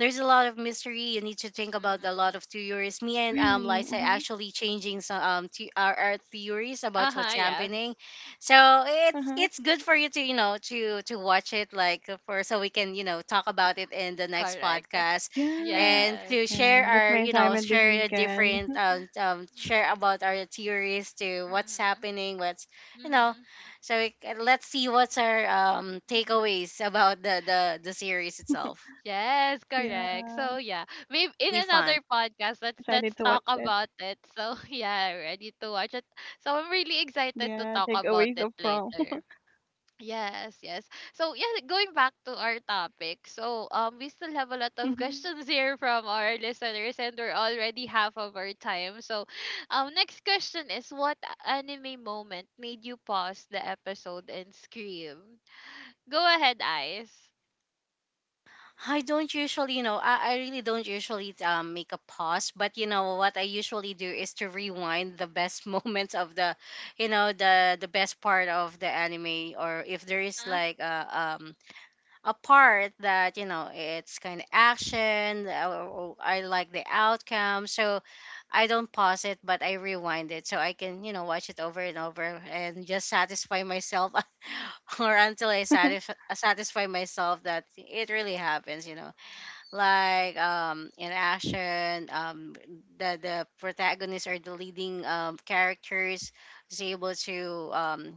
[SPEAKER 2] there's a lot of mystery, you need to think about a
[SPEAKER 1] Mm-hmm.
[SPEAKER 2] lot of theories. Me and
[SPEAKER 3] Really?
[SPEAKER 2] Liza
[SPEAKER 3] Hmm.
[SPEAKER 2] actually changing some the our theories about
[SPEAKER 1] Uh-huh,
[SPEAKER 2] what's happening.
[SPEAKER 1] yes.
[SPEAKER 2] So it's
[SPEAKER 3] Uh-huh.
[SPEAKER 2] it's good for you to, you know, to watch it, like, for, so we can, you know, talk about it in the next
[SPEAKER 1] Correct.
[SPEAKER 2] podcast,
[SPEAKER 3] Yeah.
[SPEAKER 2] and
[SPEAKER 1] Yes.
[SPEAKER 2] to share
[SPEAKER 3] Okay. That's
[SPEAKER 2] our,
[SPEAKER 3] my
[SPEAKER 2] you know,
[SPEAKER 3] assignment this
[SPEAKER 2] share a
[SPEAKER 3] weekend.
[SPEAKER 2] different, share
[SPEAKER 1] Mhm.
[SPEAKER 2] about our theories, to what's
[SPEAKER 1] Mhm.
[SPEAKER 2] happening, what's, you know.
[SPEAKER 1] Mhm.
[SPEAKER 2] So we, let's see what's our
[SPEAKER 1] Mhm.
[SPEAKER 2] takeaways about the series itself,
[SPEAKER 1] Yes, correct. So
[SPEAKER 3] Yeah.
[SPEAKER 1] yeah, maybe in
[SPEAKER 2] be fun.
[SPEAKER 1] another
[SPEAKER 3] Getting excited
[SPEAKER 1] podcast,
[SPEAKER 3] to
[SPEAKER 1] let's
[SPEAKER 3] watch
[SPEAKER 1] let's
[SPEAKER 3] it.
[SPEAKER 1] talk about it. So yeah, ready to watch it. So I'm really excited to
[SPEAKER 3] Yeah.
[SPEAKER 1] talk about
[SPEAKER 3] Takeaways
[SPEAKER 1] it
[SPEAKER 3] of prom.
[SPEAKER 1] later. Yes, yes. So yeah, going back to our topic. So, we still have a lot of
[SPEAKER 3] hmm
[SPEAKER 1] questions here from our listeners, and we're already half of our time. So, next question is, what anime moment made you pause the episode and scream? Go ahead, Ice.
[SPEAKER 2] I don't usually, you know, I really don't usually make a pause, but you know what I usually do is to rewind the best moments of the, you know, the best part of the anime, or if there is
[SPEAKER 1] Uh-huh.
[SPEAKER 2] like a part that, you know, it's kind of action, or I like the outcome, so I don't pause it, but I rewind it, so I can, you know, watch it over and over and just satisfy myself or until I satisfy myself that it really happens, you know, like, in action, the protagonist or the leading characters is able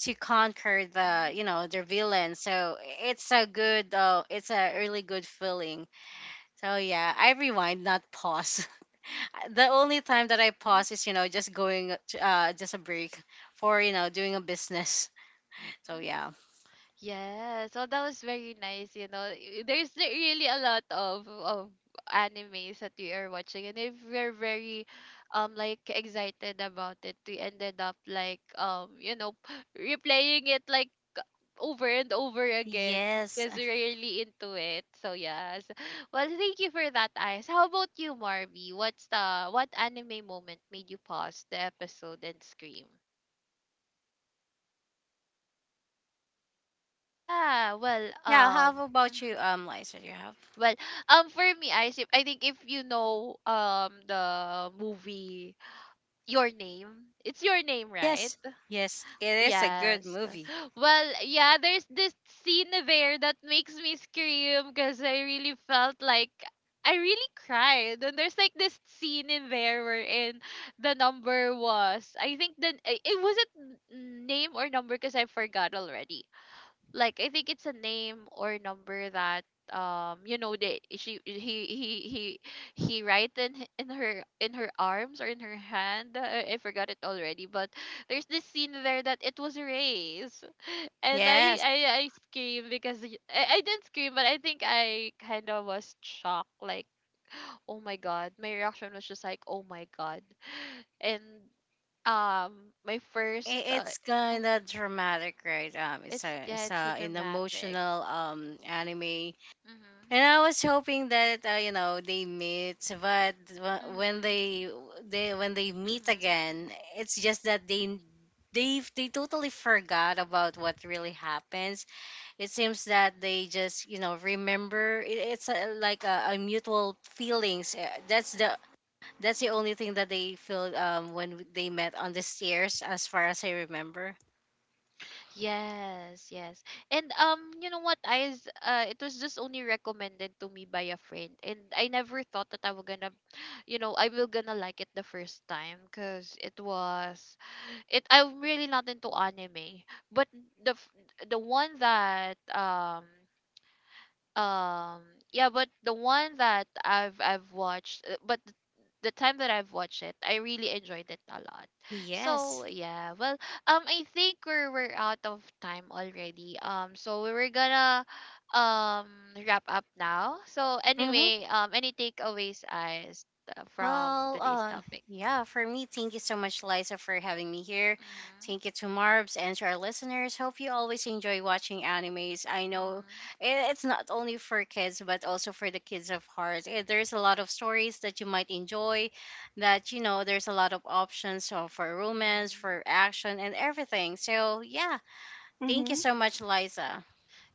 [SPEAKER 2] to conquer the,
[SPEAKER 1] Mhm.
[SPEAKER 2] you know, their villain. So it's a good, it's a really good feeling. So yeah, I rewind, not pause. The only time that I
[SPEAKER 1] Um,
[SPEAKER 2] pause is, you know, just going to, uh, just a break for, you know, doing a business. So
[SPEAKER 1] Mhm.
[SPEAKER 2] yeah.
[SPEAKER 3] hmm
[SPEAKER 1] Yes, well, that was very nice. You know, there's really a lot of animes that we are watching, and if we're very, like, excited about it, we ended up like, replaying it like over and over again
[SPEAKER 2] Yes.
[SPEAKER 1] because we're really into it. So yes, well, thank you for that, Ice. How about you, Marby? What anime moment made you pause the episode and scream? Yeah, well,
[SPEAKER 2] Yeah, how about you,
[SPEAKER 1] mhm.
[SPEAKER 2] Lisa, do you have?
[SPEAKER 1] Well, for me, I see, I think if you know the movie Your Name, it's Your Name, right?
[SPEAKER 2] Yes. Yes, it is a good
[SPEAKER 1] Yes.
[SPEAKER 2] movie.
[SPEAKER 1] Well, yeah, there's this scene there that makes me scream because I really felt like I really cried. And there's like this scene in there wherein the number was, I think the it wasn't name or number because I forgot already, like, I think it's a name or number that, you know, that she he he he write in her arms or in her hand, I forgot it already, but there's this scene there that it was erased and I
[SPEAKER 2] Yes,
[SPEAKER 1] I I scream because, I didn't scream but I think I kind of was shocked, like, oh my god, my reaction was just like, oh my god and, my first,
[SPEAKER 2] it's kind of
[SPEAKER 1] mm,
[SPEAKER 2] dramatic, right? It's
[SPEAKER 1] it's,
[SPEAKER 2] a,
[SPEAKER 1] yeah,
[SPEAKER 2] it's a,
[SPEAKER 1] it's a
[SPEAKER 2] an
[SPEAKER 1] dramatic.
[SPEAKER 2] emotional anime.
[SPEAKER 1] Mhm.
[SPEAKER 2] And I was hoping that, you know, they meet, but when
[SPEAKER 1] Mhm.
[SPEAKER 2] they when they meet
[SPEAKER 1] Mhm.
[SPEAKER 2] again, it's just that they totally forgot about what really happens. It seems that they just, you know, remember. It's a, like a mutual feelings. That's the, that's the only thing that they feel when they met on the stairs, as far as I remember.
[SPEAKER 1] Yes, yes. And, you know what? I is it was just only recommended to me by a friend, and I never thought that I was gonna, you know, I will gonna like it the first time, cause it was it. I'm really not into anime, but the f- the one that Um, yeah, but the one that I've watched, but the time that I've watched it, I really enjoyed it a lot. So
[SPEAKER 2] Yes.
[SPEAKER 1] yeah, well, I think we're out of time already. So we were gonna, um wrap up now. So
[SPEAKER 2] Mm-hmm.
[SPEAKER 1] anyway, any takeaways as, from
[SPEAKER 2] Well,
[SPEAKER 1] today's topic?
[SPEAKER 2] yeah, for me, thank you so much, Liza, for having me here.
[SPEAKER 1] Mm-hmm,
[SPEAKER 2] Thank you to Marbs and to our listeners. Hope you always enjoy watching animes. I know
[SPEAKER 1] mm-hmm,
[SPEAKER 2] it's not only for kids, but also for the kids of heart. Eh, there's a lot of stories that you might enjoy, that, you know, there's a lot of options, so for romance,
[SPEAKER 1] mm-hmm,
[SPEAKER 2] for action, and everything. So, yeah, thank you
[SPEAKER 3] Mm-hmm.
[SPEAKER 2] so much,
[SPEAKER 1] mm-hmm.
[SPEAKER 2] Liza.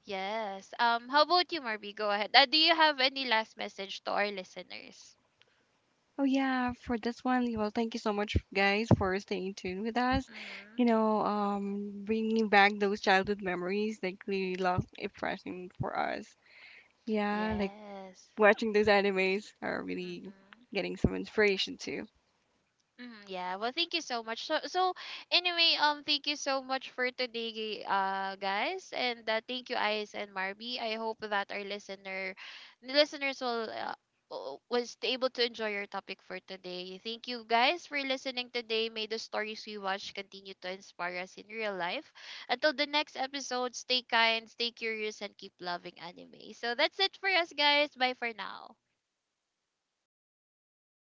[SPEAKER 1] Yes. How about you, Marby? Go ahead. Do you have any last message to our listeners?
[SPEAKER 3] Oh yeah, for this one, well, thank you so much, guys, for staying tuned with us. You
[SPEAKER 1] Mhm.
[SPEAKER 3] know, bringing back those childhood memories, like really love refreshing for us. Yeah, like
[SPEAKER 1] Yes.
[SPEAKER 3] watching those animes are really
[SPEAKER 1] Mhm.
[SPEAKER 3] getting some inspiration too.
[SPEAKER 1] Mhm. Yeah. Well, thank you so much. Anyway, thank you so much for today, guys, and, thank you, Ice and Marby. I hope that the listeners will. Was able to enjoy your topic for today. Thank you guys for listening today. May the stories we watch continue to inspire us in real life. Until the next episode, stay kind, stay curious, and keep loving anime. So that's it for us guys. Bye for now.